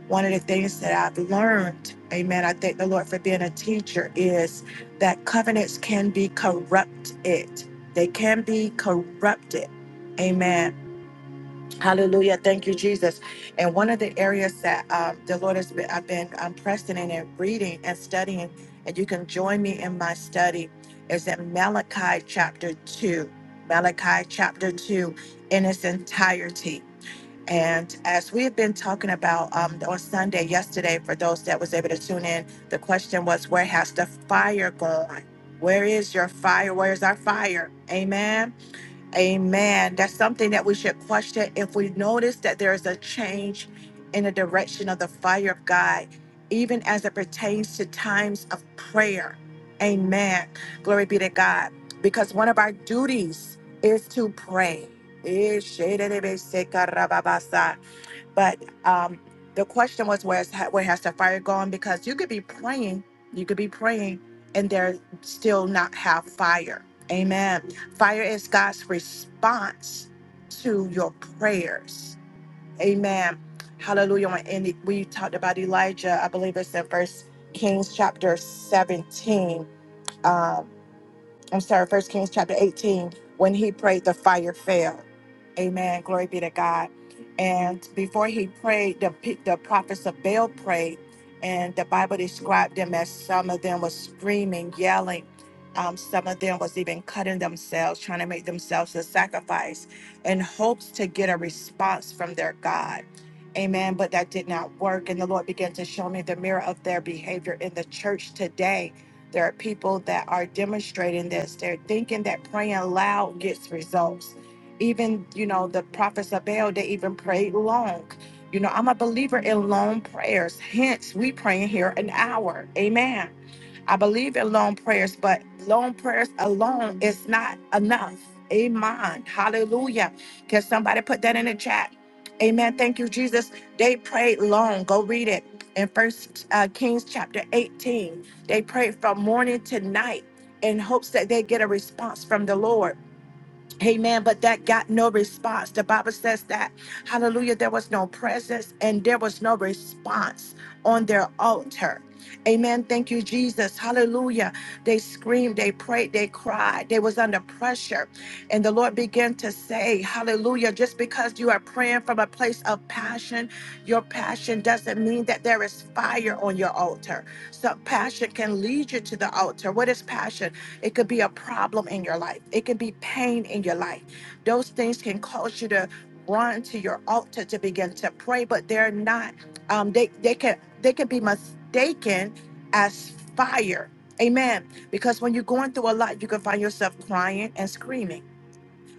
one of the things that I've learned, amen, I thank the Lord for being a teacher, is that covenants can be corrupted. They can be corrupted. Amen. Hallelujah. Thank you, Jesus. And one of the areas that um, the Lord has been, I've been um, pressing in and reading and studying, and you can join me in my study, is in Malachi chapter 2. Malachi chapter 2 in its entirety. And as we have been talking about um, on Sunday yesterday, for those that was able to tune in, the question was, where has the fire gone? Where is your fire? Where is our fire? Amen. Amen. That's something that we should question if we notice that there is a change in the direction of the fire of God, even as it pertains to times of prayer. Amen. Glory be to God. Because one of our duties is to pray. Eh, shededebe sekarababasa. But um, the question was, where's where has the fire gone? Because you could be praying, you could be praying, and there still not have fire. Amen. Fire is God's response to your prayers. Amen. Hallelujah. And we talked about Elijah, I believe it's in First Kings chapter seventeen. um, I'm sorry, First Kings chapter 18, when he prayed, the fire fell. Amen. Glory be to God. And before he prayed, the, pe- the prophets of Baal prayed, and the Bible described them as some of them was screaming, yelling. Um, some of them was even cutting themselves, trying to make themselves a sacrifice in hopes to get a response from their God. Amen. But that did not work. And the Lord began to show me the mirror of their behavior in the church today there are people that are demonstrating this. They're thinking that praying loud gets results. Even, you know, the prophets of Baal, they even prayed long. You know, I'm a believer in long prayers. Hence, we praying here an hour. Amen I believe in long prayers, but long prayers alone is not enough. Amen. Hallelujah. Can somebody put that in the chat? Amen. Thank you, Jesus. They prayed long. Go read it in First uh, Kings chapter 18. They prayed from morning to night in hopes that they get a response from the Lord. Amen. But that got no response. The Bible says that, hallelujah, there was no presence and there was no response on their altar. Amen. Thank you, Jesus. Hallelujah. They screamed, they prayed, they cried. They was under pressure. And the Lord began to say, hallelujah, just because you are praying from a place of passion, your passion doesn't mean that there is fire on your altar. So passion can lead you to the altar. What is passion? It could be a problem in your life. It can be pain in your life. Those things can cause you to run to your altar to begin to pray, but they're not. Um, they they can they can be mistaken as fire. Amen. Because when you're going through a lot, you can find yourself crying and screaming.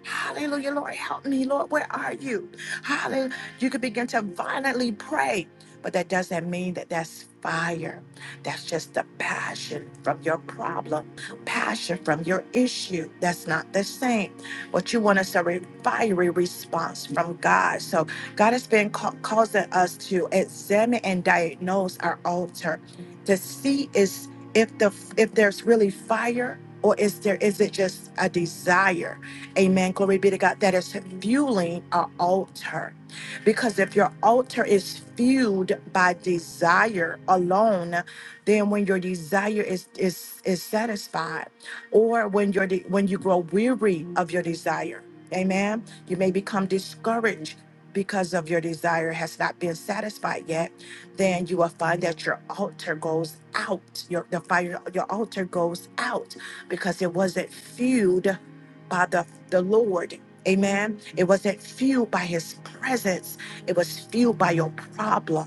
Hallelujah, Lord, help me, Lord, where are you? Hallelujah. You could begin to violently pray, but that doesn't mean that that's fire. That's just the passion from your problem, passion from your issue. That's not the same. What you want is a re- fiery response from God. So God has been ca- causing us to examine and diagnose our altar to see is if the if there's really fire or is there is it just a desire Amen. Glory be to God. That is fueling an altar. Because if your altar is fueled by desire alone, then when your desire is is is satisfied, or when your de- when you grow weary of your desire, amen. You may become discouraged because of your desire has not been satisfied yet, then you will find that your altar goes out. Your the fire, your altar goes out because it wasn't fueled by the, the Lord. Amen. It wasn't fueled by his presence, it was fueled by your problem.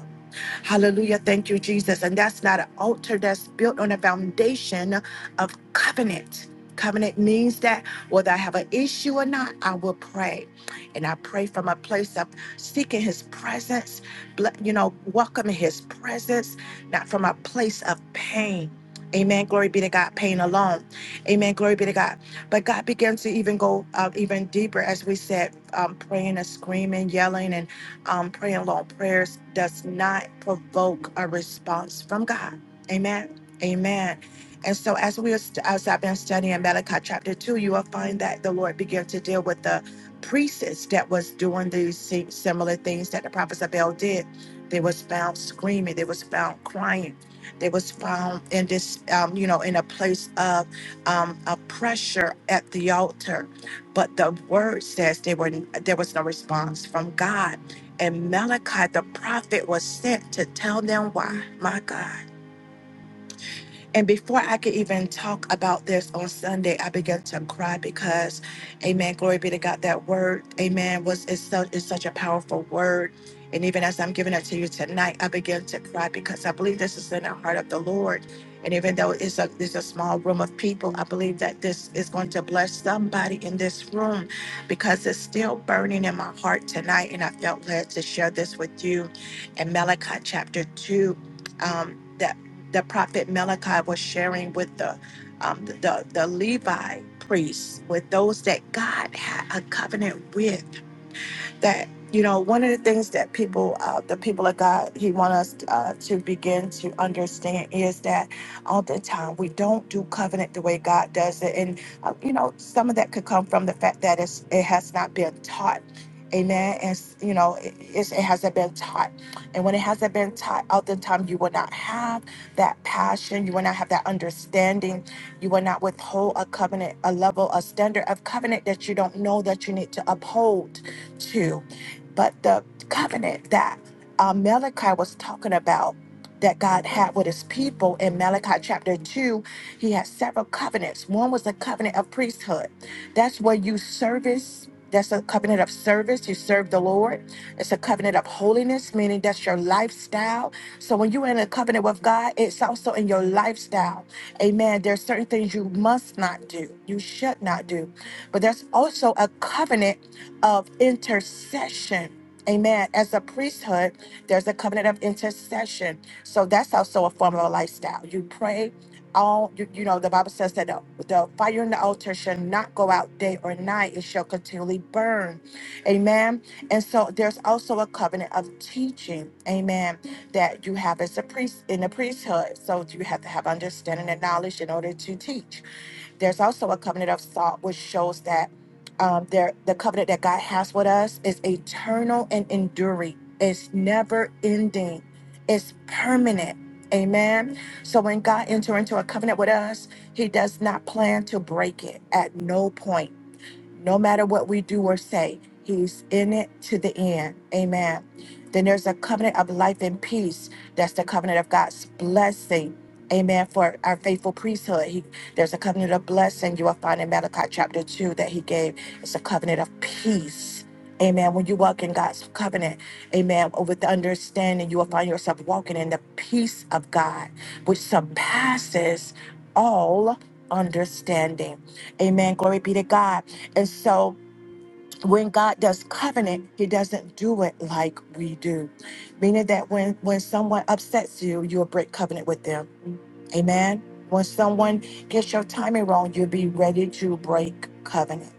Hallelujah. Thank you, Jesus. And that's not an altar that's built on a foundation of covenant. Covenant means that whether I have an issue or not, I will pray. And I pray from a place of seeking his presence, ble- you know, welcoming his presence, not from a place of pain. Amen. Glory be to God. Pain alone. Amen. Glory be to God. But God began to even go uh, even deeper, as we said, um, praying and screaming, yelling, um, praying long prayers does not provoke a response from God. Amen. Amen. And so, as we are st- as I've been studying Malachi chapter two, you will find that the Lord began to deal with the priestess that was doing these si- similar things that the prophets of Baal did. They was found screaming. They was found crying. They was found in this, um, you know, in a place of um, a pressure at the altar but the word says they were there was no response from God. And Malachi the prophet was sent to tell them why. My God. And before I could even talk about this on Sunday, I began to cry because, Amen. Glory be to God. That word, Amen, was is such is such a powerful word. And even as I'm giving it to you tonight, I began to cry because I believe this is in the heart of the Lord. And even though it's a it's a small room of people, I believe that this is going to bless somebody in this room because it's still burning in my heart tonight. And I felt led to share this with you in Malachi chapter two. Um, the prophet Malachi was sharing with the um, the, the Levi priests, with those that God had a covenant with that you know one of the things that people uh, the people of god he wants us uh, to begin to understand is that all the time we don't do covenant the way god does it and uh, you know some of that could come from the fact that it's, it has not been taught amen and s- you know it, it's- it hasn't been taught and when it hasn't been taught oftentimes you will not have that passion you will not have that understanding you will not withhold a covenant a level a standard of covenant that you don't know that you need to uphold Two, But the covenant that uh, Malachi was talking about that God had with his people in Malachi chapter 2, he had several covenants. One was the covenant of priesthood. That's where you service, that's a covenant of service. You serve the Lord. It's a covenant of holiness, meaning that's your lifestyle. So when you're in a covenant with God, it's also in your lifestyle. Amen. There's certain things you must not do, you should not do. But there's also a covenant of intercession. Amen. As a priesthood, there's a covenant of intercession. So that's also a form of a lifestyle. You pray all, you, you know, the Bible says that the, the fire in the altar shall not go out day or night, it shall continually burn. Amen. And so there's also a covenant of teaching. Amen. That you have as a priest in the priesthood. So you have to have understanding and knowledge in order to teach. There's also a covenant of salt, which shows that um, there, the covenant that God has with us is eternal and enduring. It's never ending. It's permanent. Amen. So when God enters into a covenant with us, He does not plan to break it at no point no matter what we do or say, He's in it to the end. Amen. Then there's a covenant of life and peace. That's the covenant of God's blessing. Amen. For our faithful priesthood, he, there's a covenant of blessing you will find in Malachi chapter 2 that He gave. It's a covenant of peace. Amen. When you walk in God's covenant, amen, with the understanding, you will find yourself walking in the peace of God, which surpasses all understanding. Amen. Glory be to God. And so when God does covenant, He doesn't do it like we do. Meaning that when when someone upsets you, you'll break covenant with them. Amen. When someone gets your timing wrong, you'll be ready to break covenant.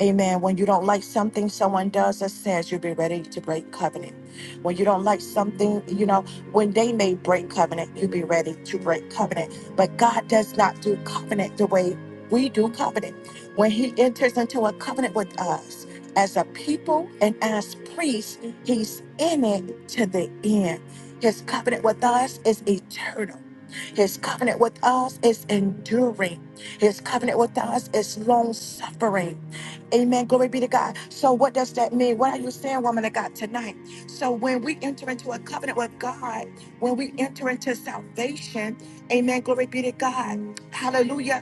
Amen. When you don't like something someone does or says, you'll be ready to break covenant. When you don't like something, you know, when they may break covenant, you'll be ready to break covenant. But God does not do covenant the way we do covenant. When He enters into a covenant with us, as a people and as priests, he's in it to the end. His covenant with us is eternal. His covenant with us is enduring. His covenant with us is long suffering. Amen. Glory be to God. So, what does that mean? What are you saying, woman of God, tonight? So, when we enter into a covenant with God, when we enter into salvation, amen. Glory be to God. Hallelujah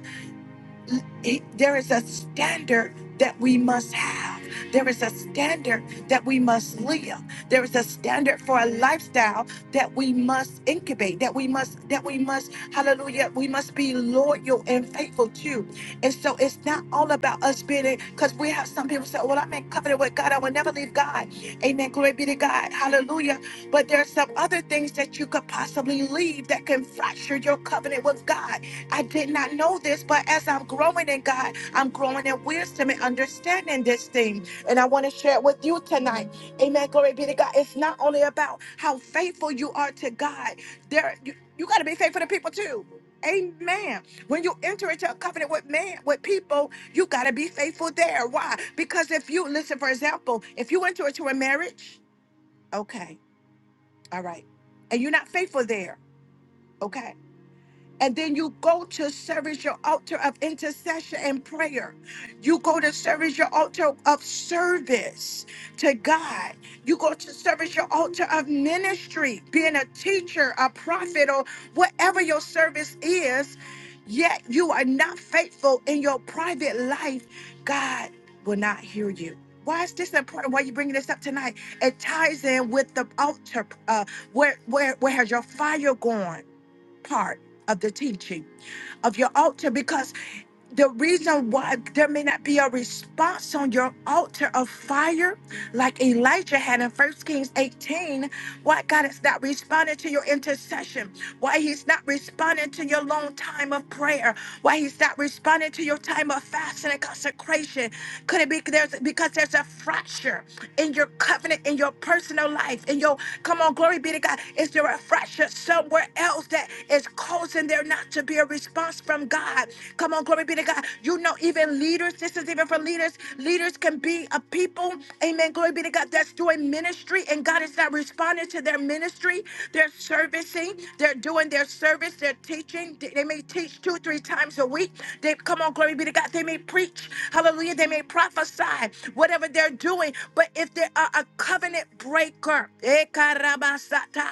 it- there is a standard that we must have. There is a standard that we must live. There is a standard for a lifestyle that we must incubate, that we must, that we must, hallelujah, we must be loyal and faithful to. And so it's not all about us being, it, because we have some people say, well, I'm in covenant with God. I will never leave God. Amen. Glory be to God. Hallelujah. But there are some other things that you could possibly leave that can fracture your covenant with God I did not know this, but as I'm growing in God, I'm growing in wisdom and understanding this thing. And I want to share it with you tonight. Amen. Glory be to God. It's not only about how faithful you are to God, there you, you gotta be faithful to people too. Amen. When you enter into a covenant with man, with people, you gotta be faithful there. Why? Because if you listen, for example, if you enter into a marriage, okay, all right, and you're not faithful there, okay. And then you go to service your altar of intercession and prayer. You go to service your altar of service to God. You go to service your altar of ministry, being a teacher, a prophet, or whatever your service is. Yet you are not faithful in your private life, God will not hear you. Why is this important? Why are you bringing this up tonight? It ties in with the altar. Uh, where, where, where has your fire gone? part of the teaching of your altar because the reason why there may not be a response on your altar of fire, like Elijah had in 1 Kings 18, why God is not responding to your intercession, why He's not responding to your long time of prayer, why He's not responding to your time of fasting and consecration. Could it be there's because there's a fracture in your covenant, in your personal life, in your come on, glory be to God. Is there a fracture somewhere else that is causing there? not to be a response from God. Come on, glory be to God. You know, even leaders, this is even for leaders. Leaders can be a people, amen, glory be to God, that's doing ministry and God is not responding to their ministry. They're servicing, they're doing their service, they're teaching. They they may teach two, three times a week. They come on, glory be to God. They may preach, hallelujah. They may prophesy, whatever they're doing. But if they are a covenant breaker, eh, karabasata,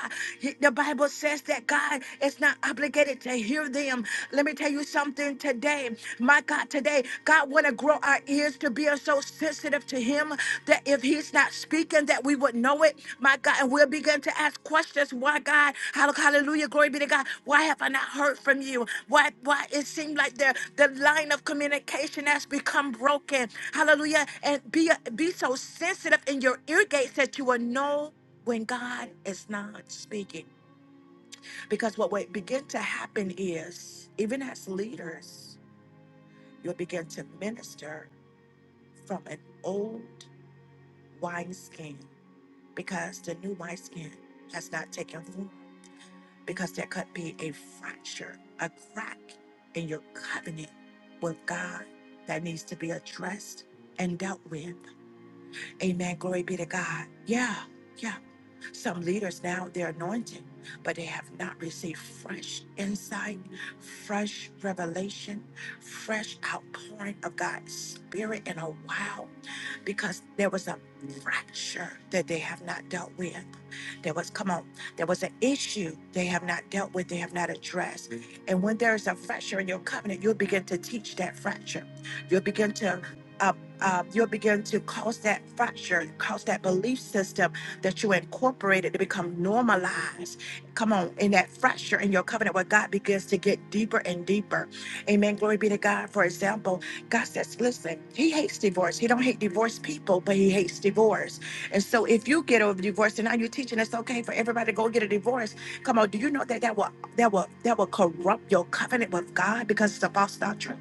the Bible Bible says that God is not obligated to hear them. Let me tell you something today. My God, today, God want to grow our ears to be so sensitive to him that if he's not speaking, that we would know it. My God, and we'll begin to ask questions. Why God? Hall- Hallelujah. Glory be to God. Why have I not heard from you? Why why it seemed like the, the line of communication has become broken. Hallelujah. And be be so sensitive in your ear gates that you will know when God is not speaking. Because what will begin to happen is, even as leaders, you'll begin to minister from an old wineskin because the new wineskin has not taken root. Because there could be a fracture, a crack in your covenant with God that needs to be addressed and dealt with. Amen. Glory be to God. Yeah, yeah. Some leaders now, they're anointed, but they have not received fresh insight, fresh revelation, fresh outpouring of God's Spirit in a while because there was a fracture that they have not dealt with. There was, come on, there was an issue they have not dealt with, they have not addressed. And when there is a fracture in your covenant, you'll begin to teach that fracture. You'll begin to uh, uh, you'll begin to cause that fracture, cause that belief system that you incorporated to become normalized. Come on, in that fracture in your covenant where God begins to get deeper and deeper. Amen. Glory be to God. For example, God says, listen, he hates divorce. He don't hate divorced people, but he hates divorce. And so if you get a divorce and now you're teaching it's okay for everybody to go get a divorce, come on, do you know that that will that will that will corrupt your covenant with God because it's a false doctrine?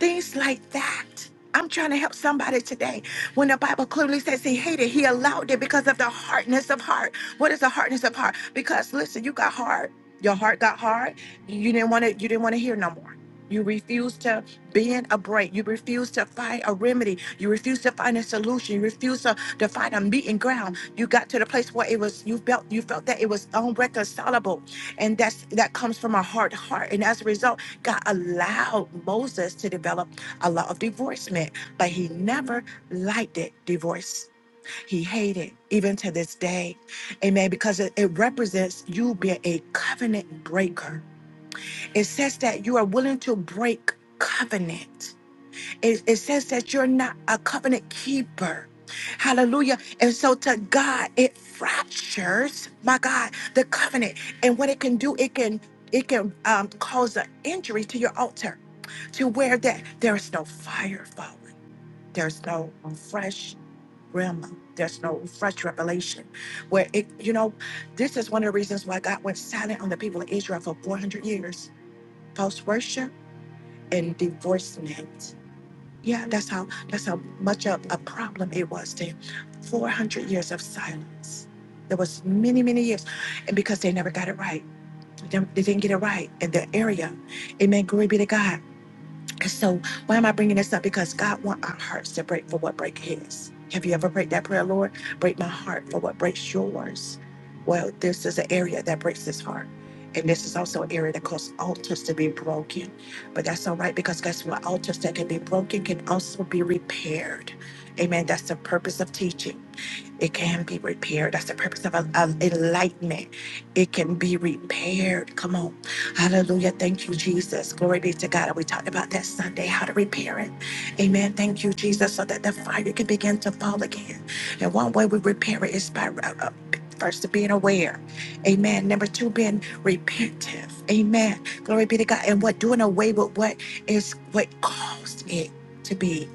Things like that. I'm trying to help somebody today. When the Bible clearly says he hated, he allowed it because of the hardness of heart. What is the hardness of heart? Because listen, you got hard. Your heart got hard. You didn't want to. You didn't want to hear no more. You refused to bend a break. You refused to find a remedy. You refused to find a solution. You refused to, to find a meeting ground. You got to the place where it was. You felt. You felt that it was unreconcilable, and that's that comes from a hard heart. And as a result God allowed Moses to develop a law of divorcement, but he never liked it, divorce. He hated it, even to this day. Amen. Because it, it represents you being a covenant breaker. It says that you are willing to break covenant. It, it says that you're not a covenant keeper. Hallelujah. And so to God, it fractures, my God, the covenant. And what it can do, it can it can um, cause an injury to your altar to where that there's no fire falling. There's no fresh realm. There's no fresh revelation. Where it, you know, this is one of the reasons why God went silent on the people of Israel for 400 years. False worship and divorcement. Yeah, that's how that's how much of a problem it was then. Four hundred years of silence. There was many, many years. And because they never got it right. They they didn't get it right in their area. Amen. Glory be to God. So why am I bringing this up? Because God wants our hearts to break for what break His. Have you ever prayed that prayer, Lord? Break my heart for what breaks yours. Well, this is an area that breaks His heart. And this is also an area that causes altars to be broken. But that's all right because guess what? Altars that can be broken can also be repaired. Amen. That's the purpose of teaching. It can be repaired. That's the purpose of a, a enlightenment. It can be repaired. Come on. Hallelujah. Thank you, Jesus. Glory be to God. And we talked about that Sunday, how to repair it. Amen. Thank you, Jesus, so that the fire can begin to fall again. And one way we repair it is by uh, uh, first being aware. Amen. Number two, being repentive. Amen. Glory be to God. And what doing away with what is what caused it to be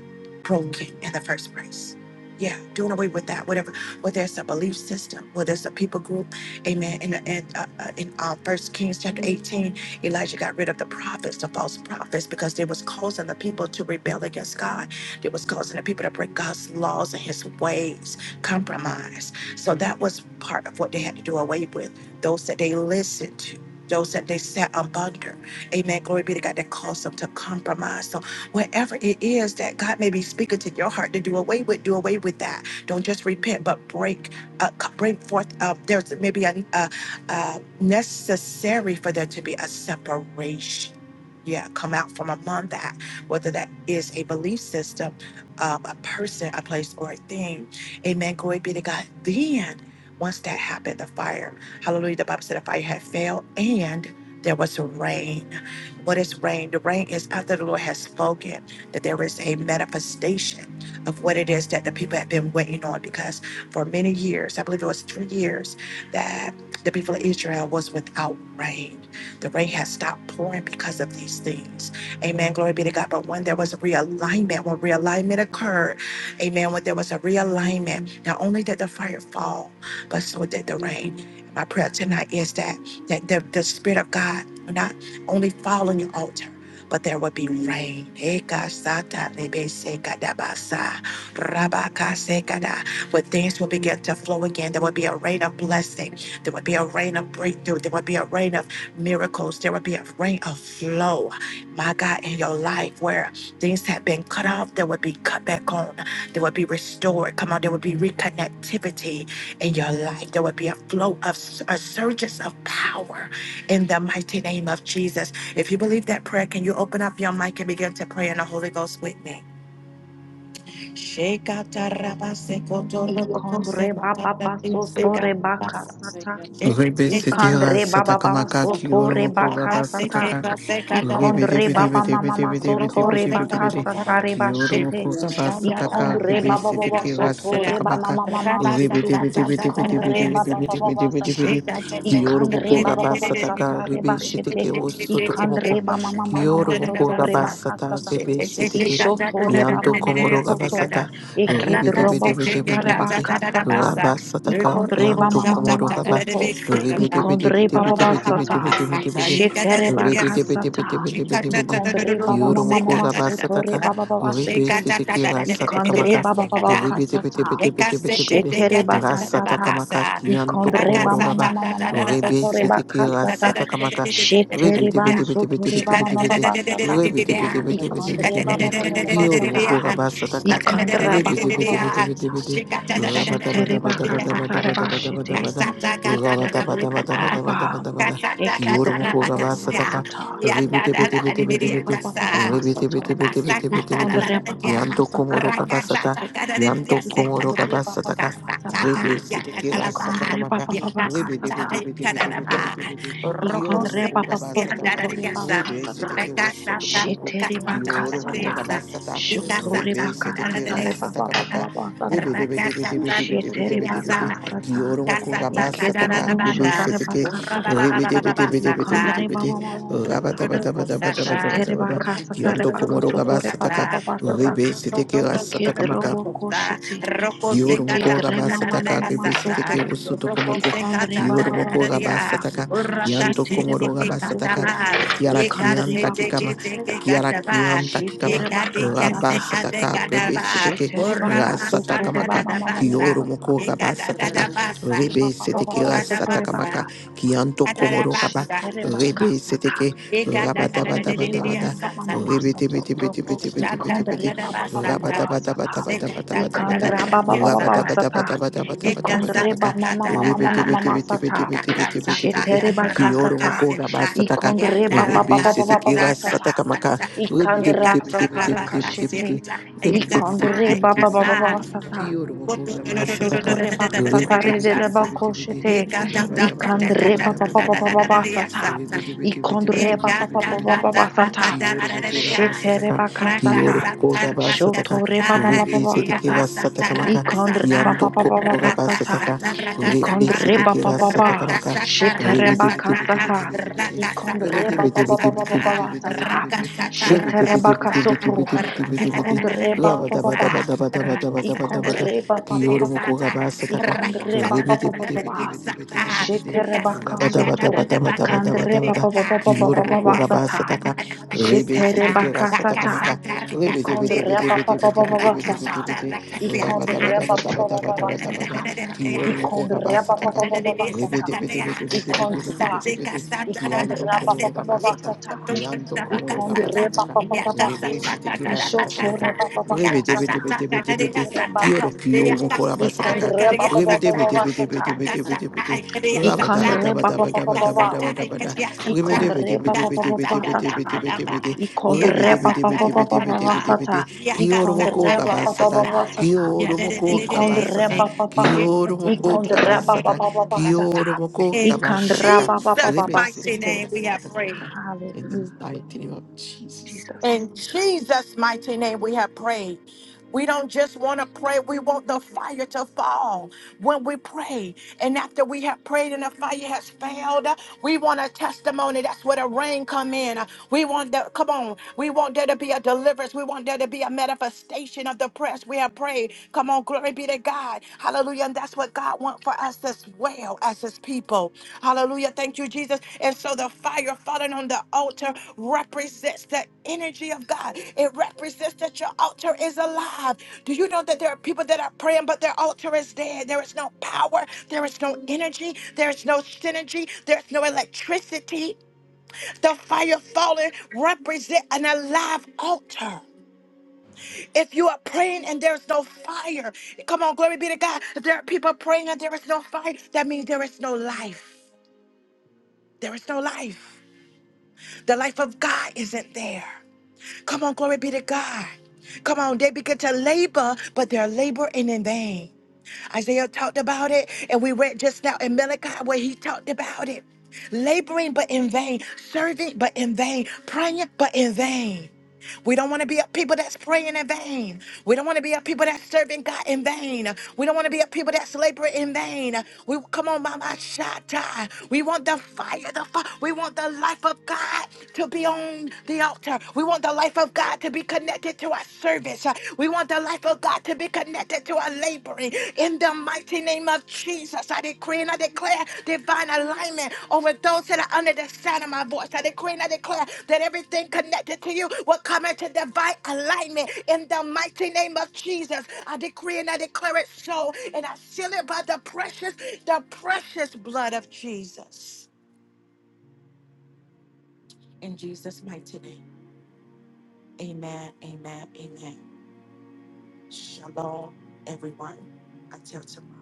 broken in the first place. Yeah, doing away with that. whatever whether it's a belief system, whether it's a people group. Amen. In, in, uh, uh, in uh, 1 Kings chapter 18, Elijah got rid of the prophets, the false prophets, because they was causing the people to rebel against God. They was causing the people to break God's laws and his ways, compromise. So that was part of what they had to do away with. Those that they listened to. Those that they sat up under. Amen. Glory be to God that caused them to compromise. So whatever it is that God may be speaking to your heart to do away with, do away with that don't just repent, but break, uh, c- bring forth. Uh, there's maybe a, a, a necessary for there to be a separation. Yeah, come out from among that, whether that is a belief system, um, a person, a place, or a thing. Amen. Glory be to God. Then, once that happened, the fire, hallelujah, the Bible said the fire had failed and there was rain what is rain? The rain is after the Lord has spoken that there is a manifestation of what it is that the people have been waiting on. Because for many years, I believe it was three years, that the people of Israel was without rain. The rain has stopped pouring because of these things. Amen. Glory be to God. But when there was a realignment, when realignment occurred, amen, when there was a realignment, not only did the fire fall, but so did the rain. My prayer tonight is that that the, the Spirit of God will not only fall on your altar. But there would be rain. Ekasatarebesekadabasa, rabakasekada. Where things will begin to flow again. There would be a rain of blessing. There would be a rain of breakthrough. There would be a rain of miracles. There would be a rain of flow. My God, in your life where things have been cut off, there would be cut back on. There would be restored. Come on, there would be reconnectivity in your life. There would be a flow of a surges of power in the mighty name of Jesus. If you believe that prayer, can you open up your mic and begin to pray in the Holy Ghost with me?
Ikondre baba basotore
Thank
bakasata.
you.
Rebe Setera
Ikandre baba
Sataka
baba
Maka
soto
Kiloro Moko
reba
Raba
kasata.
Sataka Ribidi
Ikondre
bidi
baba
bidi
mama
bidi
maso
bidi bidi
tore
bidi bidi
baka
bidi.
satare
Kioro
bashete.
mokura basataka
Ikondre baba
ribesi
baba
tiki
soto
rasataka
reba
maka.
mama mama sutu.
Ribidi bidi bidi bidi bidi
Ikondre
bidi
baba
bidi
baba
bidi
Shake
bidi
basata.
bidi. Kioro
Ikandre
mokura
baba baba
basataka
satare
ribesi
bashete.
tiki osotoku moko.
Ikandre baba mama mama
Kioro
soto
mokura
reba
basata
kasata.
ribesi tiki.
Ishoto reba
Kianto
mama
komoro
masoto.
gabasata. Ribidi bidi
Ikedrobo
bidi bidi
shatare
bidi.
baka sata.
Rabasataka
Ikondre baba
kianto
mama
komoro
mama
gaba.
soto.
Ribidi bidi
Ikondre
bidi
baba
bidi bidi
basata.
bidi bidi bidi.
Shetere
Ribidi bidi
bakasata.
bidi bidi bidi bidi.
Ikondre baba
Kioro
mama
moko
mama
raba
sotore
sataka.
baba baba
Ribe
sete.
sete ki rasataka
Ikondre
maka.
baba baba
Ribidi bidi
kasata.
bidi bidi bidi bidi.
Shetere bakasata.
Rasataka maka kianto
Ikondre baba
komoro raba.
mama mama mama
Ribe
sotore
sete ki
bakasata.
rasataka maka.
Shetere
Ribidi
ban
bidi bidi bidi
sotore
bidi
baba
bidi
baba
bidi.
basata.
Ribidi bidi
Shikata
bidi bidi
Ikondre
bidi bidi.
baba baba baba
Kioro
sata.
moko raba sataka.
Ikondre baba
Ribidi
baba
bidi bidi bidi
basata.
bidi. Rabada bada
Shitereba
bada bada bada bada
kasatareba
bada bada
shite.
bada.
Rakasa
Rabada bada
Ikedreba
bada bada bada
papapa.
bada bada. Kioro moko
Ikedreba
raba
papapa
sataka.
sata.
Rebete bete bete bete
Ikondreba
bete.
papapa
Rebete
soto.
bete bete bete bete bete.
Ikondreba papapa
Kianto komoro
satareba
raba sata.
kashite.
Kianto komoro raba
Ikondreba
sataka.
papapa sata.
Rebe seteke rasataka
Ikondreba
maka.
papapa
Rebete bete
kasata.
bete bete bete bete bete. Kioro
Ikondreba
moko raba
papapa
sataka.
sotoreba
Rebe
kasata.
seteke rosoto komoko.
Shitereba
Kioro moko
kasata.
raba sata.
Shotoreba
Rebe seteke
kasatareba
rasataka maka.
papapa sata.
Rebe de bete bete bete bete bete bete
Shetereba
bete.
kasata,
Kioro moko raba
Rocco,
sataka.
Ekedrobo
Rebe
shotareba
seteke.
kasata, shotarebakasata.
Ribidi-bidi-bidi-bidi-bidi-bidi.
Ikondrebabababasata.
Rabadabadabadabadabadabada.
Sheterebakasata
Kiando komoro gabasataka.
rebakasotorebabababasata.
Ribe siteke rasataka
Ekedrobo koshete.
Kioro moko
kasata,
rabasata ka rebesete ke osoto komoko. Kioro moko
Ikondrebababakasata.
rabasata ka kianto komoro rabasata
Sheterebakasoto.
ka akiara kianta kikama
Ikondrebabababasata.
akiara kianta kikama
Big Daddy can say,
Sheterebakasata.
I
rabasata
think
ka
I never,
rebesete ke
or
rasata
Ramasanda,
kamaka
the Bassa,
kioro
Sheterebakasotorebabababasata.
moko rabasata ka
Ikatadadabasa,
Ikondreba
rebesete ke rasata
Ikondreba
rokodadabasa,
kamaka kianto komoro raba
kadadabasa,
Ikondreba
rebesete ke rabata bata bata
Ikondreba
bata
mama
ikatadadadadadadadadadadadadadadadasa,
mama
rebete
soto.
bete bete bete bete bete bete
Ikondreba sata.
rokoshadadadadadadadadadasa,
rabata bata bata
sata.
bata bata bata bata Rabata
sekatadadadadadadadadadadasa,
bata bata bata bata bata bata
Ikondreba
bata
papa papa sata. Shetereba Shetereba mama
Rabatabatabatabatabatabatabata.
mama
ikasatadadadadada,
mama mama mama mama Iketerebababababasatorebakasata.
Ribitibitibitibitibitibitibitibiti.
Shiterebakasata.
Kiyoromoko
yakasatadadadadadadadadasa,
rabasataka.
Ikondrebabababamasoto.
Ribisitikirasatakamaka.
yandalakasatadadadadadadasa,
Ikondrebababababasata. Ikondrebababababasata. Ikondrebamamamamamamasata. Shiterebakasata. Ikondrebababababasata.
Ribitibitibitibitibitibitibiti.
ikatadadadadadadadadadasa, ikasa,
Ribitibitibitibitibitibiti.
ikasa.
Ikandrasatarekashete. sata.
Kiyoromoko rabasataka.
Ishotore baksatare de de
Ribitibitibitibitibiti.
bakoshete. Ikandre ba ba ba ba ba ba ba
Rabatabatabatabatabatabata.
sata.
Yes,
Ikondre ba ba ba ba ba ba
Ribitibitibitibitibitibitibiti.
ba sata.
Kiyoromoko
Shetere
rabasataka.
bakasata.
Kiyoromoko rabasataka.
Shotore ba ba ba ba
Rebe
ba
seteke
sata.
rasataka maka.
Ikondre ba ba
Kianto
ba ba ba
komoro
ba
raba
sata.
sataka. Rebe
Ikondre ba
seteke
ba ba
rasataka
ba.
maka.
Shetere
Rebe tebe tebe tebe
bakasata.
tebe tebe te. Rebe
Ikondre
tebe
ba ba
tebe
ba ba
tebe
ba ba
tebe
ba ba
tebe tebe tebe
sata.
te. Rebe
Shetere
tebe tebe tebe tebe
bakasoto.
tebe tebe tebe te.
Ikondre ba
Raba
ba ba
daba daba
ba.
daba daba daba daba daba da.
Ikondreba papa
Kiyoro
papa.
moko raba sataka.
Ikondreba
Rebe
papa
tebe tebe
papa.
tebe tebe tebe tebe te.
Shetereba
Raba daba daba
kasoto.
daba daba daba daba
Kandreba
da.
papa
Rakasa
papa papa
Kiyoro moko
papa
raba
sata.
Rakasata,
sataka. Rebe
Shetereba
seteke rasataka
kasata.
maka.
Rakasata,
Ikondreba papa
Rakasata,
papa papa sata.
Rakasata,
Ribidi-bidi-bidi-bidi-bidi-bidi-bidi-bidi.
Rakasata,
Ikondreba papa papa papa
Rabadabadabadabadabadabada.
sata. Ikondreba papa
Kiyorumokogabasataka.
papa papa sata. Ikondreba.
Ribidi-bidi-bidi-bidi-bidi-bidi-bidi.
Ikondreba papa papa papa
Kiyantokomorogabasata.
sata.
Thank
Ikondreba
you.
Kiyantokomorogabasataka.
papa papa.
Ribisitikirasatakamaka.
Ishotoreba papa kasata.
Ribidi-bidi-bidi-bidi-bidi.
Terebakas,
Kiyorokiyomokogabasataka.
ikondre ba ba ba ba ba ba sata,
Ribidi-bidi-bidi-bidi-bidi-bidi-bidi.
ikondre ba ba ba ba ba ba,
Rabadabadabadabadabadabadabada.
ikondre ba ba ba ba ba sata,
Ribidi-bidi-bidi-bidi-bidi-bidi-bidi.
ikondre ba ba ba ba ba ba ba sata,
Rebidibidibidibidibidibidi. Kiyoromoko
ikondre ba ba ba ba
kabasata.
ba
Yakasa,
sata,
yeah, that it
Kiyoromoko
ikondre
is.
kabasata.
ba ba ba,
Kiyoromoko
ikondre ba ba
kabasata.
ba ba ba sata,
Kiyoromoko
In
ikondre
kabasataka.
ba ba ba ba
Jesus'
ba
mighty
sete.
name, we have prayed.
Rebesitikibasatakamaka. In the
Hallelujah,
mighty name of Jesus.
Jesus.
In Jesus' mighty name, we have prayed. We don't just want to pray, we want the fire to fall when we pray. And after we have prayed and the fire has failed, we want a testimony. That's where the rain come in. We want the come on. We want there to be a deliverance. We want there to be a manifestation of the press. We have prayed. Come on, glory be to God. Hallelujah. And that's what God wants for us as well as his people people. Hallelujah. Thank you, Jesus. And so the fire falling on the altar represents the energy of God. It represents that your altar is alive. Do you know that there are people that are praying, but their altar is dead? There is no power, there is no energy, there is no synergy, there's no electricity. The fire falling represent an alive altar. If you are praying and there's no fire, come on, glory be to God. If there are people praying and there is no fire, that means there is no life. There is no life. The life of God isn't there. Come on, glory be to God. Come on, they begin to labor, but they're laboring in vain. Isaiah talked about it, and we read just now in Malachi where he talked about it. Laboring but in vain, serving but in vain, praying but in vain. We don't want to be a people that's praying in vain. We don't want to be a people that's serving God in vain. We don't want to be a people that's laboring in vain. We come on, Mama Shatta. We want the fire, the fire. We want the life of God to be on the altar. We want the life of God to be connected to our service. We want the life of God to be connected to our laboring. In the mighty name of Jesus, I decree and I declare divine alignment over those that are under the sound of my voice. I decree and I declare that everything connected to you will come into divine alignment. In the mighty name of Jesus, I decree and I declare it so, and I seal it by the precious, the precious blood of Jesus. And, and shalom, everyone. Until tomorrow.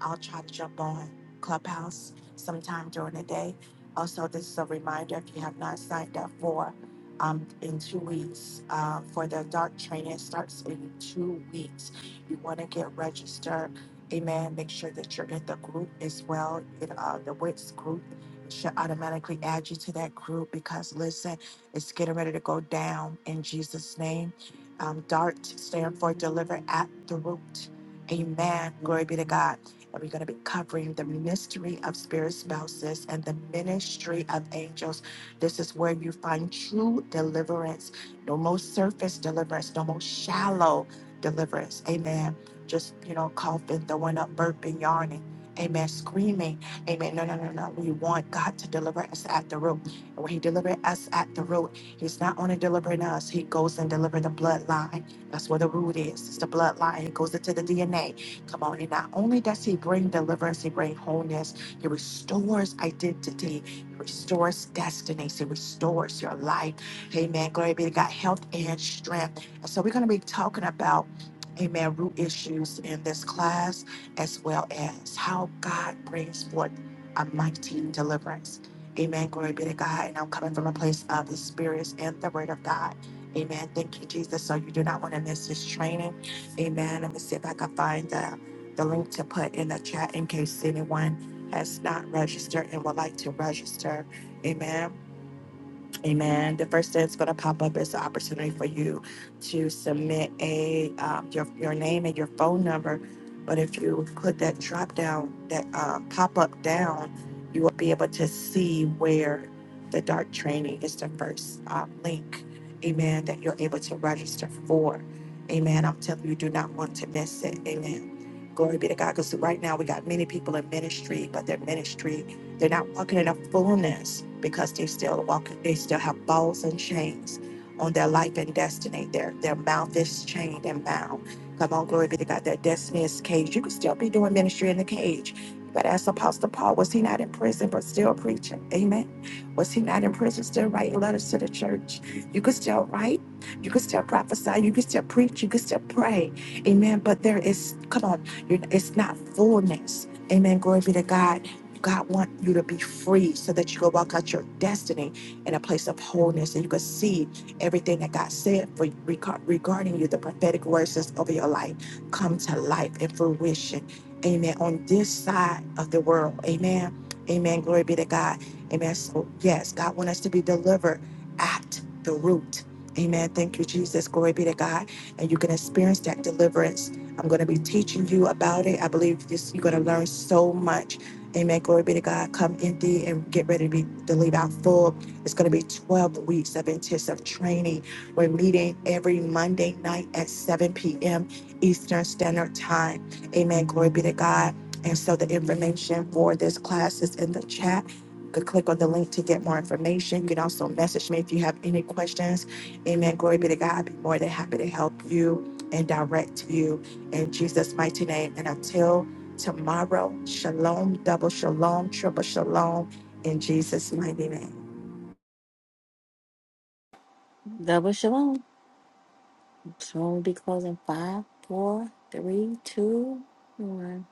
I'll try to jump on Clubhouse sometime during the day. Also, this is a reminder if you have not signed up for um, in two weeks uh, for the dark training, it starts in two weeks. You want to get registered. Amen. Make sure that you're in the group as well, in uh, the WITS group. should automatically add you to that group because listen, it's getting ready to go down in Jesus' name. Um, DART stand for deliver at the root. Amen. Glory be to God. And we're going to be covering the ministry of spirit spouses and the ministry of angels. This is where you find true deliverance. No more surface deliverance, no more shallow deliverance. Amen. Just, you know, coughing, throwing up, burping, yarning. Amen. Screaming. Amen. No, no, no, no. We want God to deliver us at the root. And when He delivers us at the root, He's not only delivering us, He goes and delivers the bloodline. That's where the root is. It's the bloodline. He goes into the DNA. Come on. And not only does he bring deliverance, he brings wholeness. He restores identity. He restores destinies. He restores your life. Amen. Glory be to God. Health and strength. And so we're going to be talking about, amen, root issues in this class, as well as how God brings forth a mighty deliverance. Amen. Glory be to God. And I'm coming from a place of the spirits and the word of God. Amen. Thank you, Jesus. So you do not want to miss this training. Amen. Let me see if I can find that the link to put in the chat in case anyone has not registered and would like to register. Amen. Amen. The first thing that's going to pop up is the opportunity for you to submit a um, your your name and your phone number. But if you put that drop down, that um, pop up down, you will be able to see where the dark training is the first um, link. Amen. That you're able to register for. Amen. I'm telling you do not want to miss it. Amen. Glory be to God. Because right now we got many people in ministry, but their ministry they're not walking in a fullness because they still walking, they still have balls and chains on their life and destiny. Their their mouth is chained and bound. Come on, glory be to God. Their destiny is caged. You could still be doing ministry in the cage. But as Apostle Paul, was he not in prison but still preaching? Amen. Was he not in prison still writing letters to the church? You could still write, you could still prophesy, you could still preach, you could still pray. Amen. But there is, come on, you it's not fullness. Amen. Glory be to God God want you to be free so that you can walk out your destiny in a place of wholeness and you can see everything that God said for regar- regarding you, the prophetic words that's over your life come to life and fruition. Amen. On this side of the world. Amen. Amen. Glory be to God. Amen. So yes, God want us to be delivered at the root. Amen. Thank you, Jesus. Glory be to God. And you can experience that deliverance. I'm going to be teaching you about it. I believe this you're going to learn so much Amen. Glory be to God. Come empty and get ready to be to leave out full. It's going to be 12 weeks of intensive training. We're meeting every Monday night at 7 p.m. Eastern Standard Time. Amen. Glory be to God. And so the information for this class is in the chat. You could click on the link to get more information. You can also message me if you have any questions. Amen. Glory be to God. I'd be more than happy to help you and direct you in Jesus' mighty name. And until tomorrow. Shalom, double shalom, triple shalom, in Jesus' mighty name.
Double shalom. Shalom will be closing five, four, three, two, one.